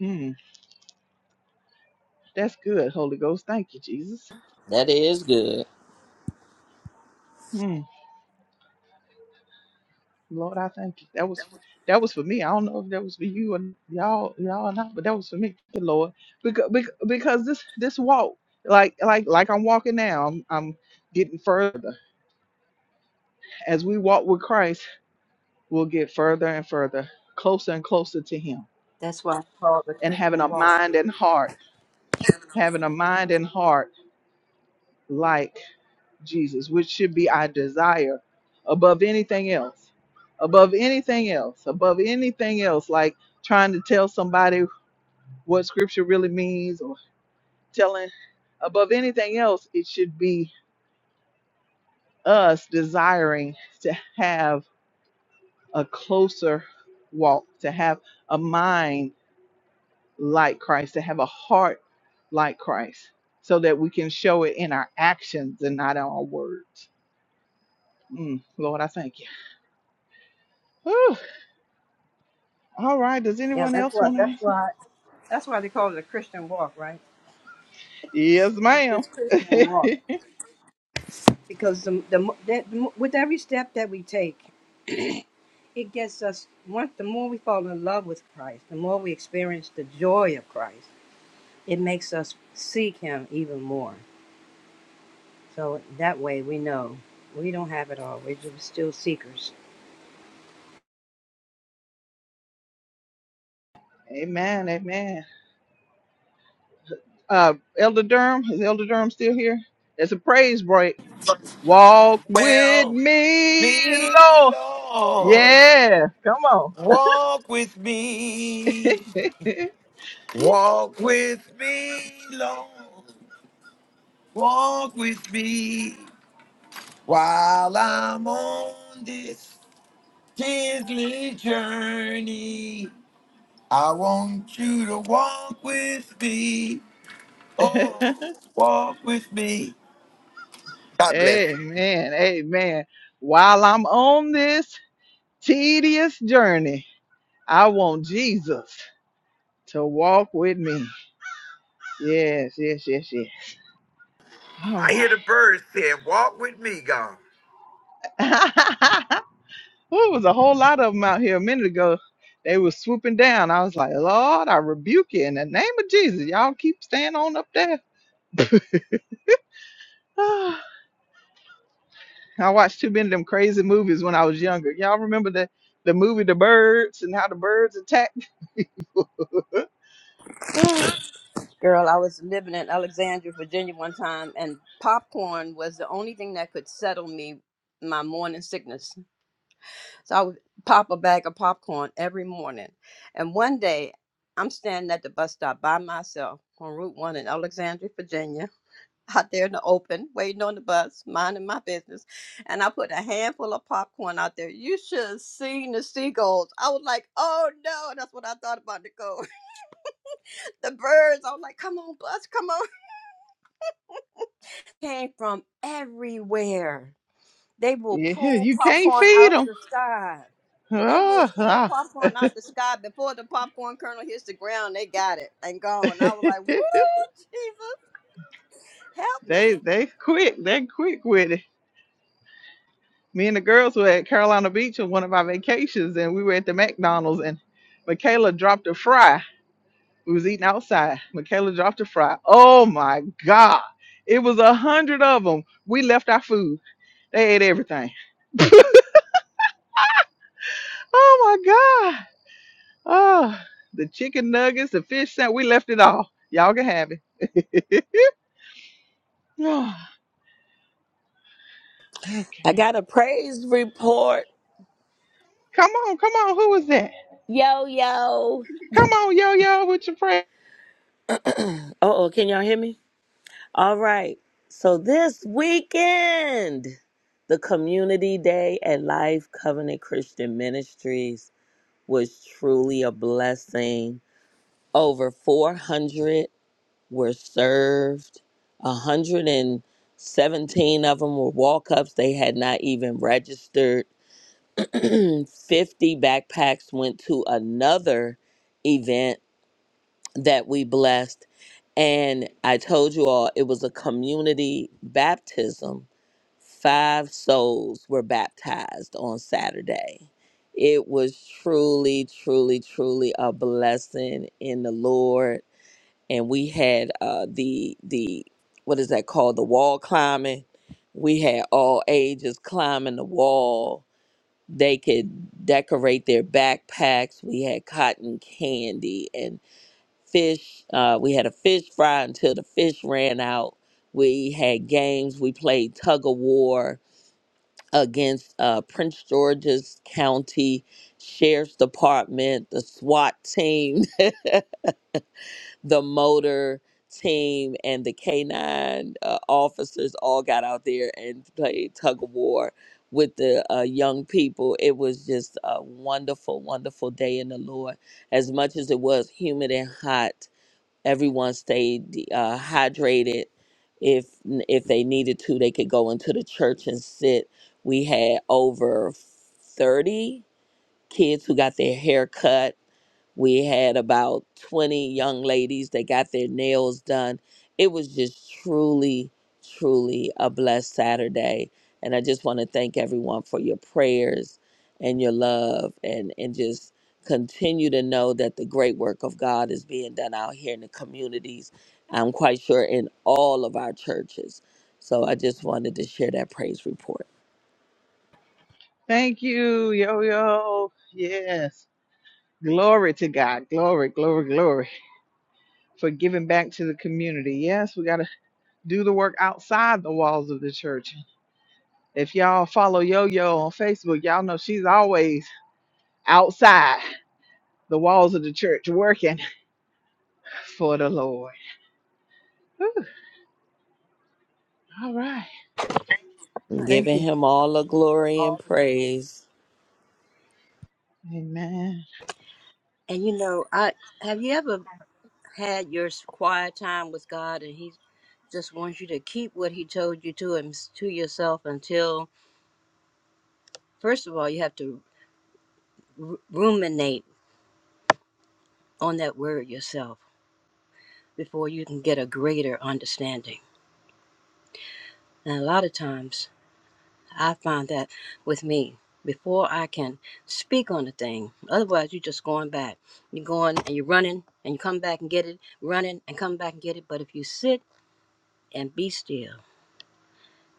Speaker 1: Mm, that's good, Holy Ghost. Thank you, Jesus.
Speaker 7: That is good.
Speaker 1: Hmm. Lord, I thank you. That was that was for me. I don't know if that was for you and y'all y'all or not, but that was for me. Thank you, Lord. Because because this this walk, like like like I'm walking now, I'm I'm getting further. As we walk with Christ, we'll get further and further, closer and closer to him.
Speaker 3: That's why I call it the
Speaker 1: And having a
Speaker 3: Christian walk.
Speaker 1: mind
Speaker 3: man.
Speaker 1: and heart, having a mind and heart like Jesus, which should be our desire above anything else. Above anything else, above anything else, like trying to tell somebody what scripture really means or telling above anything else it should be us desiring to have a closer walk to have a mind like christ to have a heart like christ so that we can show it in our actions and not in our words Mm, lord i thank you Whew. all right does
Speaker 3: Yeah,
Speaker 1: anyone
Speaker 3: that's
Speaker 1: else
Speaker 3: why.
Speaker 1: want to
Speaker 3: That's
Speaker 1: answer
Speaker 3: why. That's why they call it a Christian walk, right?
Speaker 1: yes
Speaker 3: It's
Speaker 1: ma'am
Speaker 3: this Christian walk. because the, the, that, with every step that we take, it gets us one. The more we fall in love with Christ, the more we experience the joy of Christ. It makes us seek Him even more. So that way, we know we don't have it all. We're just still seekers.
Speaker 1: amen amen uh elder durham is elder durham still here it's a praise break Walk with
Speaker 5: Well,
Speaker 1: me,
Speaker 5: me,
Speaker 1: Lord.
Speaker 5: Lord,
Speaker 1: Yeah, come on.
Speaker 5: walk with me. Walk with me, Lord. Walk with me. While I'm on this Disney journey, I want you to walk with me. Oh, walk with me. God bless you.
Speaker 1: amen. Amen. While I'm on this tedious journey, I want Jesus to walk with me. Yes, yes, yes, yes. All
Speaker 5: I hear the
Speaker 1: right.
Speaker 5: birds saying, Walk with me, God.
Speaker 1: Ooh, it was a whole lot of them out here a minute ago. They were swooping down. I was like, Lord, I rebuke you in the name of Jesus. Y'all keep staying on up there. I watched too many of them crazy movies when I was younger. Y'all remember the the movie The Birds and how the birds attacked? yeah,
Speaker 3: Girl, I was living in Alexandria, Virginia one time, and popcorn was the only thing that could settle me my morning sickness. So I would pop a bag of popcorn every morning. And one day, I'm standing at the bus stop by myself on Route 1 in Alexandria, Virginia, out there in the open, waiting on the bus, minding my business. And I put a handful of popcorn out there. You should have seen the seagulls. I was like, oh no, that's what I thought about Nicole. the birds, I was like, come on, bus, come on. Came from everywhere. They will pull
Speaker 1: you can't
Speaker 3: popcorn
Speaker 1: feed
Speaker 3: out
Speaker 1: them.
Speaker 3: the sky. They will pull popcorn out the sky before the popcorn kernel hits the ground. They got it and gone. I was like, "Woo, Jesus, help
Speaker 1: they
Speaker 3: me!"
Speaker 1: they quick, they quick with it. Me and the girls were at Carolina Beach on one of our vacations, and we were at the McDonald's, and Michaela dropped a fry. We was eating outside. Michaela dropped a fry. Oh my God! It was a hundred of them. We left our food. They ate everything. oh my God! Oh, the chicken nuggets, the fish sandwich, we left it all. Y'all can have it. Ah,
Speaker 7: I
Speaker 1: okay.
Speaker 7: got a praise report.
Speaker 1: Come on, come on. Who was that?
Speaker 7: Yo, yo.
Speaker 1: Come on, yo yo, with your prayer.
Speaker 7: Uh oh, can y'all hear me? All right. So this weekend, the community day at Life Covenant Christian Ministries was truly a blessing. Over 400 were served, 117 of them were walk ups. They had not even registered. 50 backpacks went to another event. that we blessed. And I told you all it was a community baptism. Five souls were baptized on Saturday. It was truly, truly, truly a blessing in the Lord. And we had uh, the the what is that called? The wall climbing. We had all ages climbing the wall. They could decorate their backpacks. We had cotton candy fish. Uh, we had a fish fry until the fish ran out. We had games. We played tug of war against uh, Prince George's County Sheriff's Department, the SWAT team, the motor team, and the K9 uh, officers all got out there and played tug of war with the uh, young people. It was just a wonderful, wonderful day in the Lord. As much as it was humid and hot, everyone stayed uh, hydrated. If if they needed to, they could go into the church and sit. We had over thirty kids who got their hair cut we had about 20 young ladies that got their nails done. It was just truly, truly a blessed Saturday. And I just want to thank everyone for your prayers and your love and, and just continue to know that the great work of God is being done out here in the communities. I'm quite sure in all of our churches. So I just wanted to share that praise report.
Speaker 1: Thank you, yo yo. Yes. Glory to God. Glory, glory, glory. For giving back to the community. Yes, we gotta do the work outside the walls of the church. If y'all follow Yo Yo on Facebook, y'all know she's always outside the walls of the church working for the Lord. Whew. All right.
Speaker 3: Right.
Speaker 1: Thank
Speaker 7: Giving
Speaker 1: you.
Speaker 7: him all the glory and
Speaker 3: All the
Speaker 7: praise.
Speaker 1: Amen.
Speaker 3: And you know, I have you ever had your s- quiet time with God, and He just wants you to keep what He told you to and to yourself until, first of all, you have to r- ruminate on that word yourself before you can get a greater understanding. And a lot of times. I find that with me before I can speak on a thing. Otherwise, you're just going back. You're going and you're running and you come back and get it, running and come back and get it. But if you sit and be still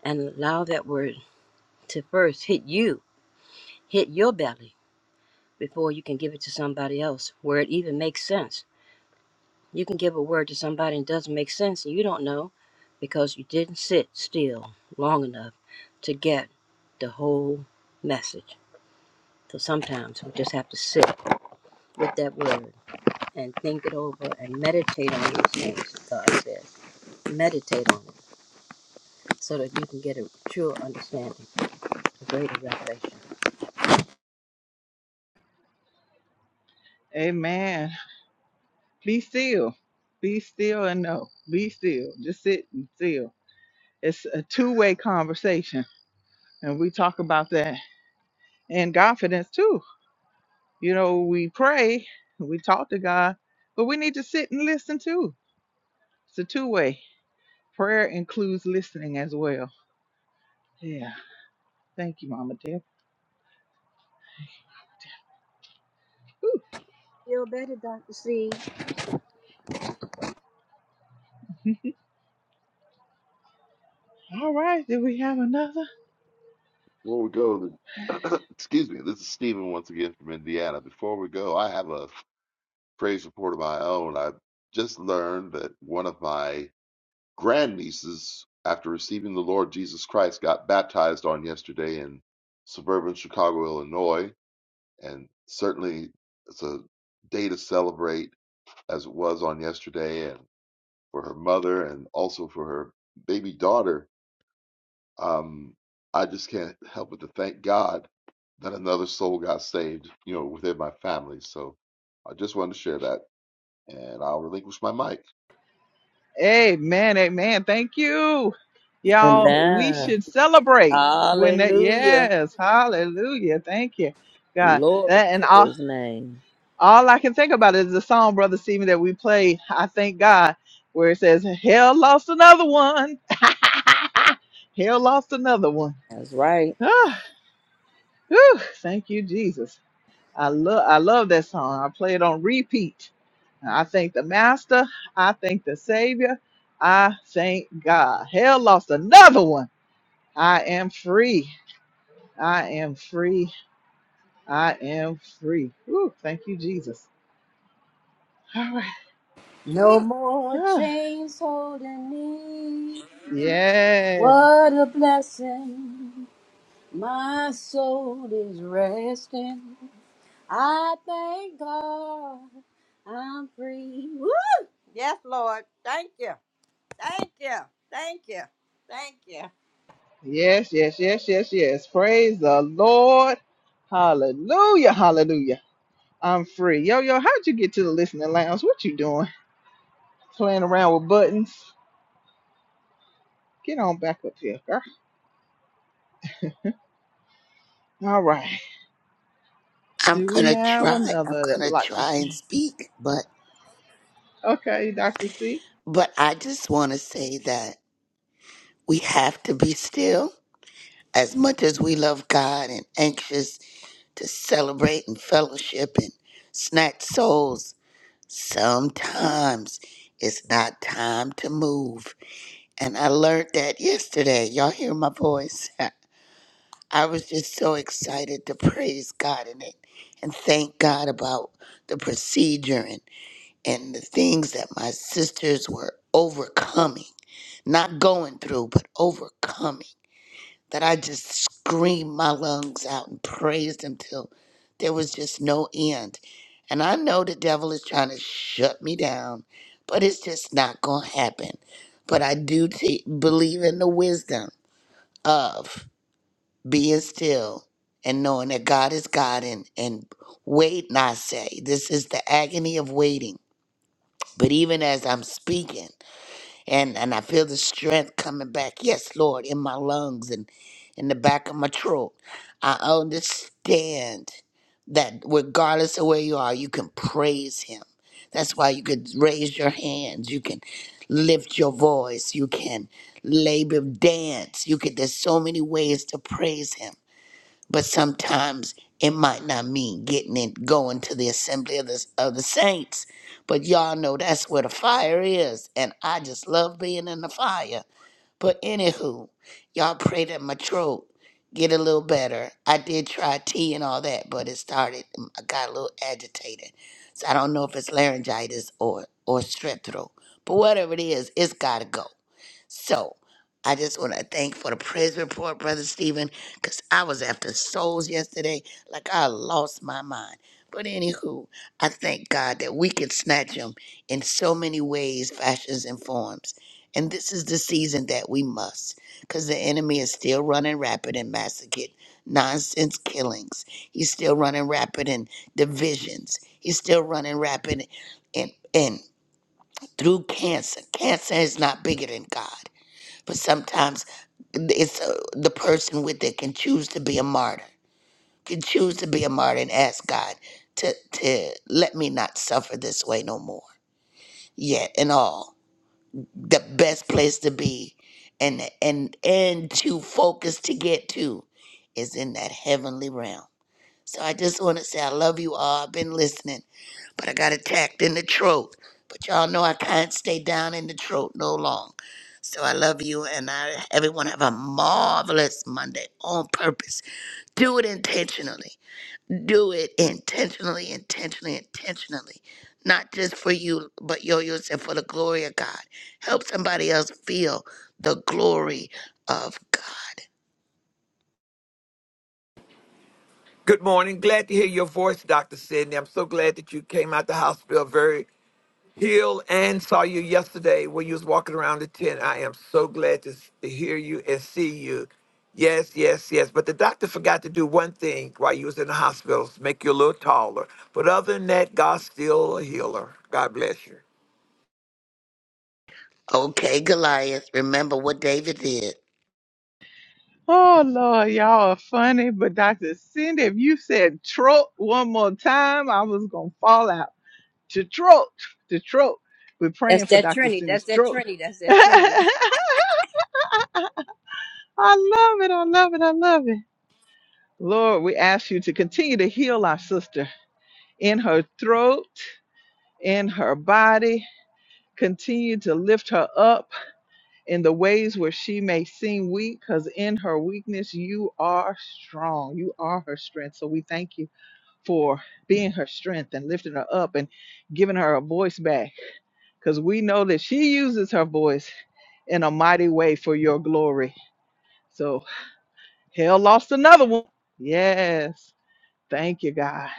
Speaker 3: and allow that word to first hit you, hit your belly before you can give it to somebody else where it even makes sense. You can give a word to somebody and it doesn't make sense and you don't know because you didn't sit still long enough to get the whole message. So sometimes we just have to sit with that word and think it over and meditate on these things, God says. Meditate on it so that you can get a true understanding, a greater revelation.
Speaker 1: Amen. Be still. Be still and know. Be still. Just sit and still. It's a two way conversation. And we talk about that in confidence too. You know, we pray, we talk to God, but we need to sit and listen too. It's a two way. Prayer includes listening as well. Yeah. Thank you, Mama Deb. Whew.
Speaker 3: Feel better, Dr. C.
Speaker 1: All right. Did we have another?
Speaker 6: Before we go, the- excuse me, this is Stephen once again from Indiana. Before we go, I have a praise report of my own. I just learned that one of my grandnieces, after receiving the Lord Jesus Christ, got baptized on yesterday in suburban Chicago, Illinois. And certainly it's a day to celebrate as it was on yesterday. and. for her mother and also for her baby daughter. Um, I just can't help but to thank God that another soul got saved, you know, within my family. So I just wanted to share that, and I'll relinquish my mic.
Speaker 1: Amen, amen. Thank you. Y'all, we
Speaker 7: Amen.
Speaker 1: should celebrate when that,
Speaker 7: Hallelujah.
Speaker 1: yes, hallelujah. Thank you, God.
Speaker 7: Glory
Speaker 1: That- And
Speaker 7: to
Speaker 1: all,
Speaker 7: his name.
Speaker 1: all I can think about is the song, Brother Stephen, that we played, I Thank God, where it says, Hell lost another one. Hell lost another one.
Speaker 7: That's right.
Speaker 1: Ah, whew, thank you, Jesus. I love I love that song. I play it on repeat. I thank the Master. I thank the Savior. I thank God. Hell lost another one. I am free. I am free. I am free. Ooh, thank you, Jesus. All right.
Speaker 3: No more
Speaker 1: Ah,
Speaker 3: chains holding me.
Speaker 1: yes.
Speaker 3: What a blessing. My soul is resting. I thank God I'm free. Woo! Yes, Lord. Thank you. Thank you. Thank you. Thank you.
Speaker 1: Yes, yes, yes, yes, yes. Praise the Lord. Hallelujah. Hallelujah. I'm free. Yo, yo, how'd you get to the listening lounge? What you doing? Playing around with buttons. Get on back up here. All right.
Speaker 8: I'm
Speaker 1: Do we
Speaker 8: gonna
Speaker 1: have
Speaker 8: try. I'm
Speaker 1: another that
Speaker 8: gonna
Speaker 1: would like to
Speaker 8: try
Speaker 1: share?
Speaker 8: and speak, but
Speaker 1: Okay, Dr. C.
Speaker 8: but I just want to say that we have to be still. As much as we love God and anxious to celebrate and fellowship and snatch souls, sometimes it's not time to move. And I learned that yesterday. Y'all hear my voice? I was just so excited to praise God in it and thank God about the procedure and the things that my sisters were overcoming, not going through, but overcoming, that I just screamed my lungs out and praised him till there was just no end. And I know the devil is trying to shut me down, but it's just not going to happen. But I do t- believe in the wisdom of being still and knowing that God is God and, and wait, and I say. This is the agony of waiting but even as I'm speaking and, and I feel the strength coming back, yes, Lord, in my lungs and in the back of my throat, I understand that regardless of where you are, you can praise Him. That's why you could raise your hands, you can lift your voice, you can labor dance. You can there's so many ways to praise Him but sometimes it might not mean getting it going to the assembly of the, of the saints but y'all know that's where the fire is and i just love being in the fire but anywho y'all pray that my throat get a little better i did try tea and all that but it started um, i got a little agitated so i don't know if it's laryngitis or or strep throat but whatever it is it's gotta go so I just want to thank for the praise report, Brother Stephen, because I was after souls yesterday. Like I lost my mind. But anywho, I thank God that we could snatch them in so many ways, fashions, and forms. And this is the season that we must, because the enemy is still running rapid and massacred nonsense killings. He's still running rapid in divisions. He's still running rapid in, in through cancer. Cancer is not bigger than God but sometimes it's uh, the person with it can choose to be a martyr can choose to be a martyr and ask god to to let me not suffer this way no more yet and all the best place to be and and and to focus to get to is in that heavenly realm so i just want to say i love you all i've been listening but I got attacked in the throat. But y'all know I can't stay down in the throat no long. So I love you, and I everyone have a marvelous Monday on purpose. Do it intentionally. Do it intentionally, intentionally, intentionally. Not just for you, but yo yo said for the glory of God. Help somebody else feel the glory of God.
Speaker 5: Good morning. Glad to hear your voice, Dr. Sidney. I'm so glad that you came out the hospital very Heal and saw you yesterday when you was walking around the tent. I am so glad to, s- to hear you and see you. Yes, yes, yes. But the doctor forgot to do one thing while you was in the hospital, make you a little taller. But other than that, God's still a healer. God bless you.
Speaker 8: Okay, Goliath. Remember what David did.
Speaker 1: Oh Lord, y'all are funny, but Dr. Cindy, if you said trope one more time, I was gonna fall out. To trope, to trope. We're
Speaker 3: That's
Speaker 1: praying for
Speaker 3: that
Speaker 1: Dr.
Speaker 3: Trinity. That's
Speaker 1: Cindy's
Speaker 3: that
Speaker 1: trope.
Speaker 3: Trinity. That's that Trinity.
Speaker 1: I love it. I love it. I love it. Lord, we ask you to continue to heal our sister in her throat, in her body. Continue to lift her up in the ways where she may seem weak, because in her weakness, you are strong. You are her strength. So we thank you for being her strength and lifting her up and giving her a voice back, because we know that she uses her voice in a mighty way for your glory. So hell lost another one. Yes. Thank you, God,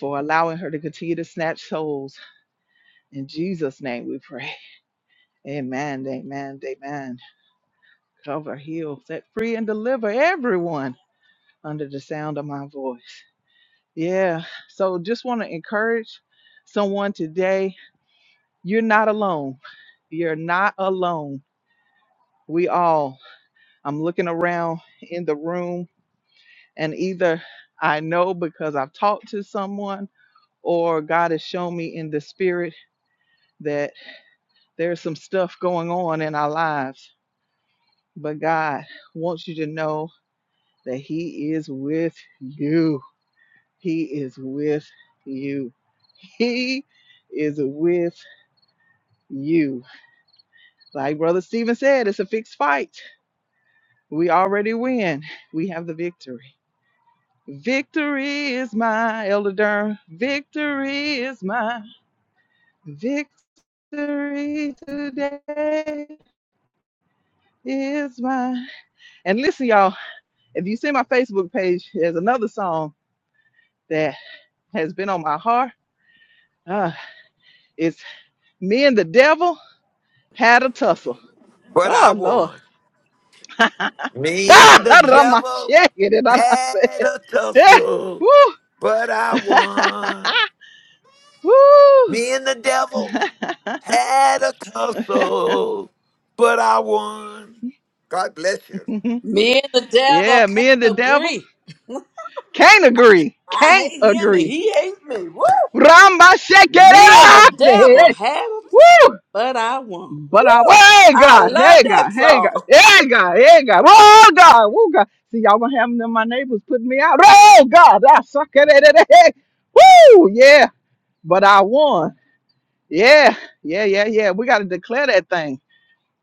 Speaker 1: for allowing her to continue to snatch souls. In Jesus' name we pray. Amen, amen, amen. Cover, heal, set free, and deliver everyone under the sound of my voice. Yeah. So just want to encourage someone today. You're not alone. You're not alone. We all, I'm looking around in the room, and either I know because I've talked to someone or God has shown me in the spirit that there's some stuff going on in our lives. But God wants you to know that He is with you He is with you. He is with you. Like Brother Stephen said, it's a fixed fight. We already win. We have the victory. Victory is mine, Elder Durham. Victory is mine. Victory today is mine. And listen, y'all, if you see my Facebook page, there's another song that has been on my heart. Ah, it's Me and the Devil Had a Tussle.
Speaker 5: But I
Speaker 1: Oh, Lord.
Speaker 5: won. Me and the devil
Speaker 1: Ramashekererase.
Speaker 5: had a
Speaker 1: Eh,
Speaker 5: tussle,
Speaker 1: woo.
Speaker 5: but I won.
Speaker 1: Woo.
Speaker 5: Me and the devil had a tussle, but I won. God bless you.
Speaker 2: Me and the devil
Speaker 1: yeah,
Speaker 2: can't
Speaker 1: me and the devil
Speaker 2: agree.
Speaker 1: can't agree.
Speaker 2: I
Speaker 1: Can't
Speaker 2: hate him and
Speaker 1: agree.
Speaker 2: he hates me. Woo! Me and the devil
Speaker 1: Ramashekererase.
Speaker 2: had a time,
Speaker 1: Woo.
Speaker 2: but I won.
Speaker 1: But I,
Speaker 2: Woo!
Speaker 1: well, hey
Speaker 2: I
Speaker 1: God,
Speaker 2: love
Speaker 1: hey God,
Speaker 2: that
Speaker 1: hey
Speaker 2: song.
Speaker 1: God, hey God, hey God, oh God, oh God. See, y'all gonna have them, my neighbors putting me out. Oh God, I suck at it. at it, hey. Woo, yeah, but I won. Yeah, yeah, yeah, yeah. We got to declare that thing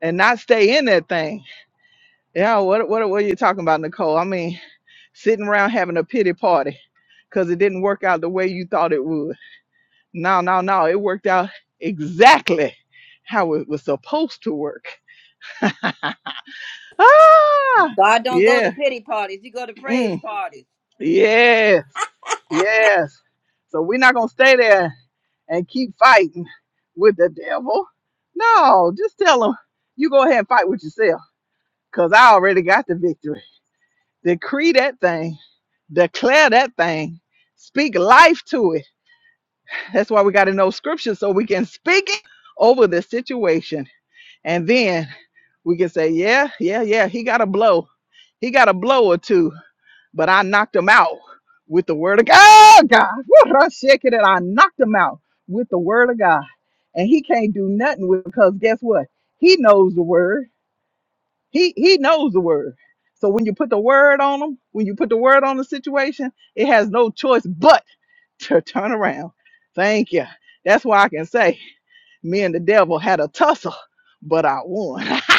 Speaker 1: and not stay in that thing. Yeah, what what what are you talking about, Nicole? I mean, sitting around having a pity party because it didn't work out the way you thought it would. No, no, no. It worked out exactly how it was supposed to work. Ah,
Speaker 3: God don't go to
Speaker 1: yeah,
Speaker 3: pity parties. He go to praise
Speaker 1: mm,
Speaker 3: parties.
Speaker 1: yes, yes. So we're not gonna stay there and keep fighting with the devil. No, just tell him you go ahead and fight with yourself because I already got the victory. Decree that thing, declare that thing, speak life to it. That's why we got to know scripture so we can speak it over the situation. And then we can say, yeah, yeah, yeah, he got a blow. He got a blow or two, but I knocked him out with the word of God. Oh, God. Woo, I shake it and I knocked him out with the word of God. And he can't do nothing with because guess what? He knows the word. He he knows the word. So when you put the word on him, when you put the word on the situation, it has no choice but to turn around. Thank you. That's why I can say me and the devil had a tussle, but I won.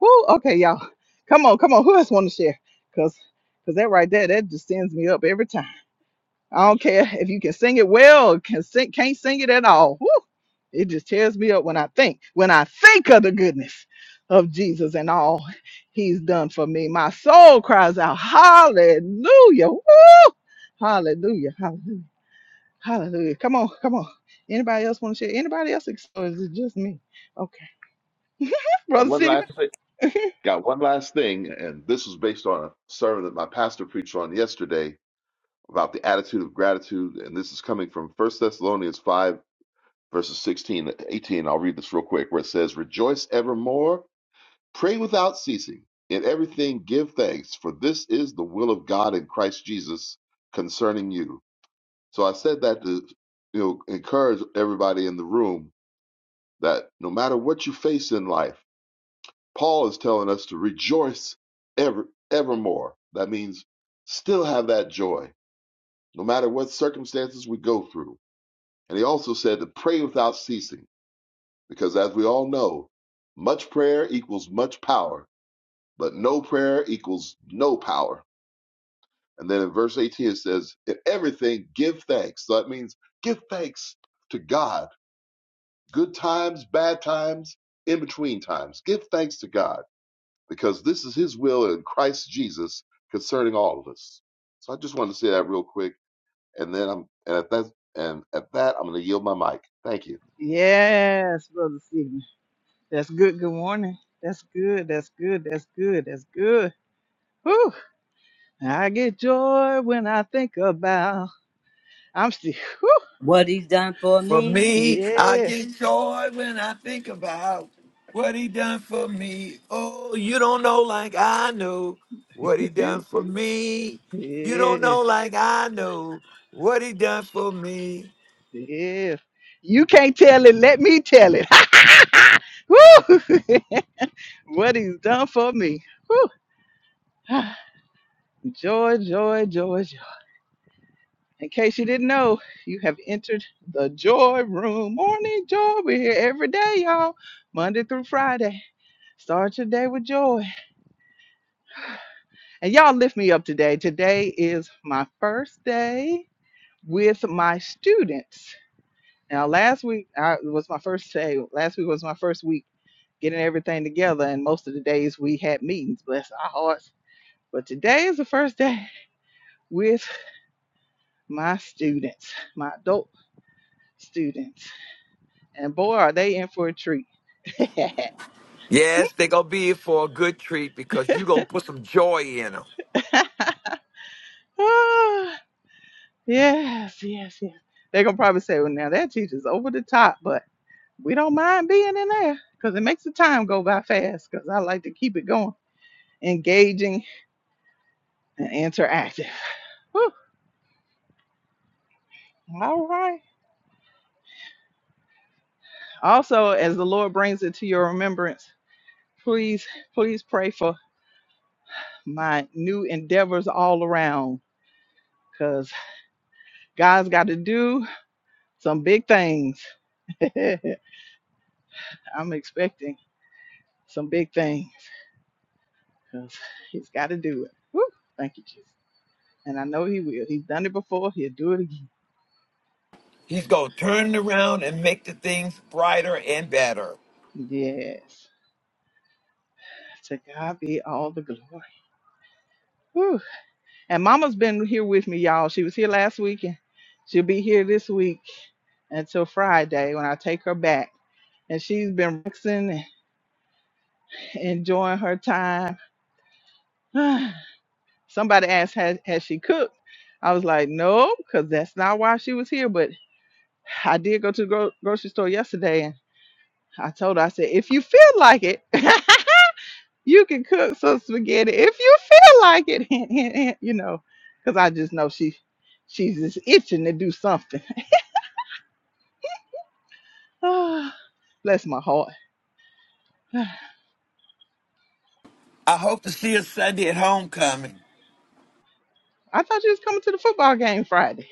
Speaker 1: Woo, okay, y'all. Come on, come on. Who else want to share? Cause, cause that right there, that just sends me up every time. I don't care if you can sing it well, or can sing, can't sing it at all. Whew. It just tears me up when I think, when I think of the goodness of Jesus and all he's done for me. My soul cries out, hallelujah. Woo! Hallelujah. Hallelujah. Hallelujah. Come on. Come on. Anybody else want to share? Anybody else? ex- Or is it just me? Okay.
Speaker 6: Got
Speaker 1: Brother
Speaker 6: one
Speaker 1: Stephen?
Speaker 6: last thing. Got one last thing, and this was based on a sermon that my pastor preached on yesterday about the attitude of gratitude, and this is coming from First Thessalonians five verses sixteen to eighteen. I'll read this real quick, where it says, "Rejoice evermore." Pray without ceasing. In everything give thanks, for this is the will of God in Christ Jesus concerning you. So I said that to you know encourage everybody in the room that no matter what you face in life, Paul is telling us to rejoice ever evermore. That means still have that joy, no matter what circumstances we go through. And he also said to pray without ceasing, because as we all know, much prayer equals much power, but no prayer equals no power. And then in verse 18, it says, In everything, give thanks. So that means give thanks to God. Good times, bad times, in between times. Give thanks to God because this is His will in Christ Jesus concerning all of us. So I just wanted to say that real quick. And then I'm, and at that, and at that, I'm going to yield my mic. Thank you.
Speaker 1: Yes, Brother Stephen. That's good. Good morning. That's good. That's good. That's good. That's good. Whew. I get joy when I think about. I'm still, whew,
Speaker 3: What he's done for
Speaker 5: For
Speaker 3: me.
Speaker 5: me, I
Speaker 1: yeah,
Speaker 5: get joy when I think about what he done for me. Oh, you don't know like I know what he done for me. You don't
Speaker 1: yes,
Speaker 5: know like I know what he done for me.
Speaker 1: yes. You can't tell it. Let me tell it. Woo! what he's done for me. Woo! Joy, joy, joy, joy. In case you didn't know, you have entered the joy room. Morning joy. We're here every day, y'all. Monday through Friday. Start your day with joy. And y'all lift me up today. Today is my first day. with my students. Now, last week I, was my first day. Last week was my first week getting everything together, and most of the days we had meetings. Bless our hearts. But today is the first day with my students, my adult students, and boy, are they in for a treat.
Speaker 5: Yes, they gonna be here for a good treat because you gonna put some joy in them.
Speaker 1: Ah, yes, yes, yes. They're gonna probably say, "Well, now that teacher's over the top," but we don't mind being in there because it makes the time go by fast. Because I like to keep it going. engaging, and interactive. Whew. All right. Also, as the Lord brings it to your remembrance, please, please pray for my new endeavors all around because God's got to do some big things. I'm expecting some big things because He's got to do it. Whew. Thank you, Jesus. And I know He will. He's done it before, He'll do it again.
Speaker 5: He's gonna turn it around and make the things brighter and better.
Speaker 1: Yes. To God be all the glory. Woo! And Mama's been here with me, y'all. She was here last week, and she'll be here this week until Friday when I take her back. And she's been relaxing and enjoying her time. Somebody asked, has, has she cooked? I was like, no, because that's not why she was here. But I did go to the gro- grocery store yesterday, and I told her, I said, if you feel like it, you can cook some spaghetti if you feel like it. you know, because I just know she she's just itching to do something. Oh, Bless my heart.
Speaker 5: I hope to see us Sunday at homecoming.
Speaker 1: I thought you was coming to the football game Friday.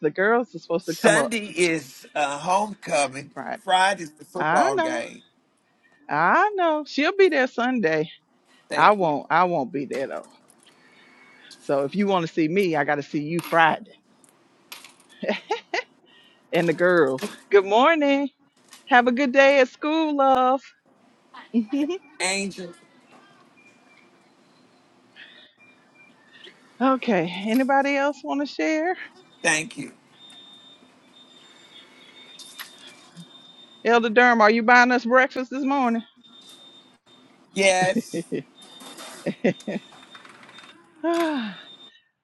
Speaker 1: The girls are supposed to come up
Speaker 5: Sunday is uh, homecoming.
Speaker 1: Friday.
Speaker 5: Friday's the
Speaker 1: I
Speaker 5: football
Speaker 1: know.
Speaker 5: game.
Speaker 1: I know. She'll be there Sunday. I
Speaker 5: Thank you.
Speaker 1: won't. I won't be there though. So if you want to see me, I got to see you Friday and the girls. Good morning. Have a good day at school, love.
Speaker 5: Angel,
Speaker 1: okay. Anybody else want to share?
Speaker 5: thank you.
Speaker 1: Elder Durham, are you buying us breakfast this morning?
Speaker 5: Yes.
Speaker 1: Ah,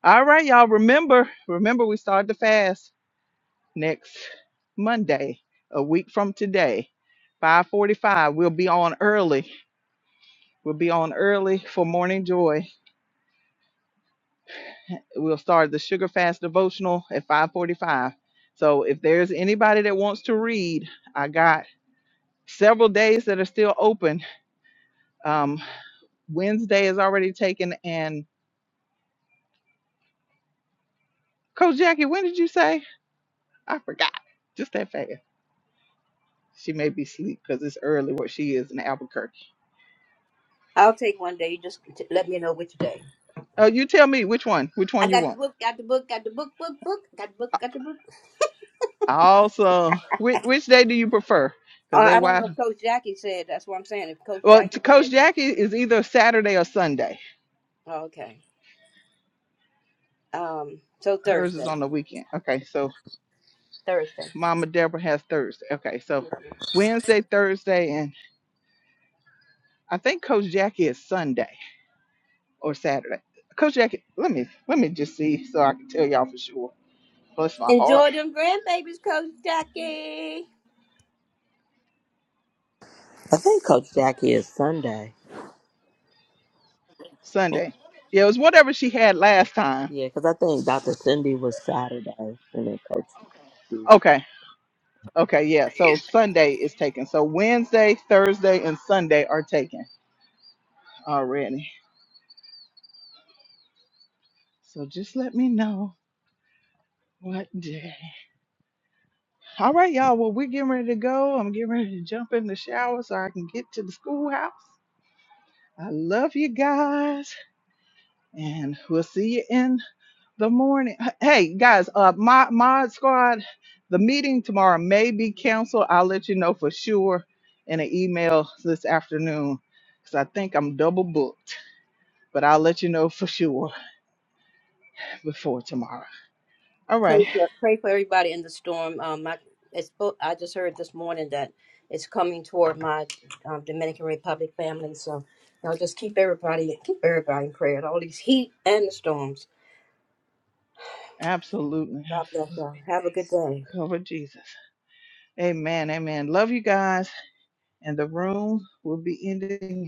Speaker 1: All right, y'all. Remember, remember, we started the fast. next Monday, a week from today, 5:45. We'll be on early. We'll be on early for morning joy. We'll start the sugar fast devotional at 5:45. So if there's anybody that wants to read, I got several days that are still open. Um, Wednesday is already taken, and Coach Jackie, when did you say? I forgot. Just that fast. She may be asleep because it's early where she is in Albuquerque.
Speaker 3: I'll take one day. You just t- let me know which day.
Speaker 1: Oh, you tell me which one. Which
Speaker 3: I
Speaker 1: one you
Speaker 3: got
Speaker 1: want?
Speaker 3: the book, got the book, got the book, book, book, got the book, got the book.
Speaker 1: Awesome. Which, which day do you prefer?
Speaker 3: Uh,
Speaker 1: Because they
Speaker 3: I don't know
Speaker 1: wide.
Speaker 3: if Coach Jackie said. That's what I'm saying. If Coach
Speaker 1: Well,
Speaker 3: Jackie
Speaker 1: t- Coach
Speaker 3: said,
Speaker 1: Jackie is either Saturday or Sunday.
Speaker 3: oh, okay. Um, so
Speaker 1: Hers is
Speaker 3: Thursday,
Speaker 1: on the weekend. Okay, so
Speaker 3: Thursday.
Speaker 1: Mama Deborah has Thursday. Okay, so Wednesday, Thursday, and I think Coach Jackie is Sunday or Saturday. Coach Jackie, let me let me just see so I can tell y'all for sure. Bless my heart.
Speaker 3: Enjoy them grandbabies, Coach Jackie.
Speaker 7: I think Coach Jackie is Sunday.
Speaker 1: Sunday. Yeah, it was whatever she had last time.
Speaker 7: Yeah, because I think Dr. Cindy was Saturday. And then Coach. Jackie.
Speaker 1: Okay. Okay, yeah. So Sunday is taken. So Wednesday, Thursday, and Sunday are taken already. So just let me know what day. All right, y'all. Well, we're getting ready to go. I'm getting ready to jump in the shower so I can get to the schoolhouse. I love you guys, and we'll see you in the morning. Hey, guys, uh, my mod squad, the meeting tomorrow may be canceled. I'll let you know for sure in an email this afternoon because I think I'm double booked, but I'll let you know for sure before tomorrow. All
Speaker 3: Pray
Speaker 1: right,
Speaker 3: for pray for everybody in the storm. Um, my it's bo- I just heard this morning that it's coming toward my um, Dominican Republic family. So you know, just keep everybody keep everybody in prayer. All these heat and the storms.
Speaker 1: absolutely,
Speaker 3: God bless
Speaker 1: absolutely.
Speaker 3: y'all. Have a good day.
Speaker 1: Cover Jesus. Amen. Amen. Love you guys. And the room will be ending.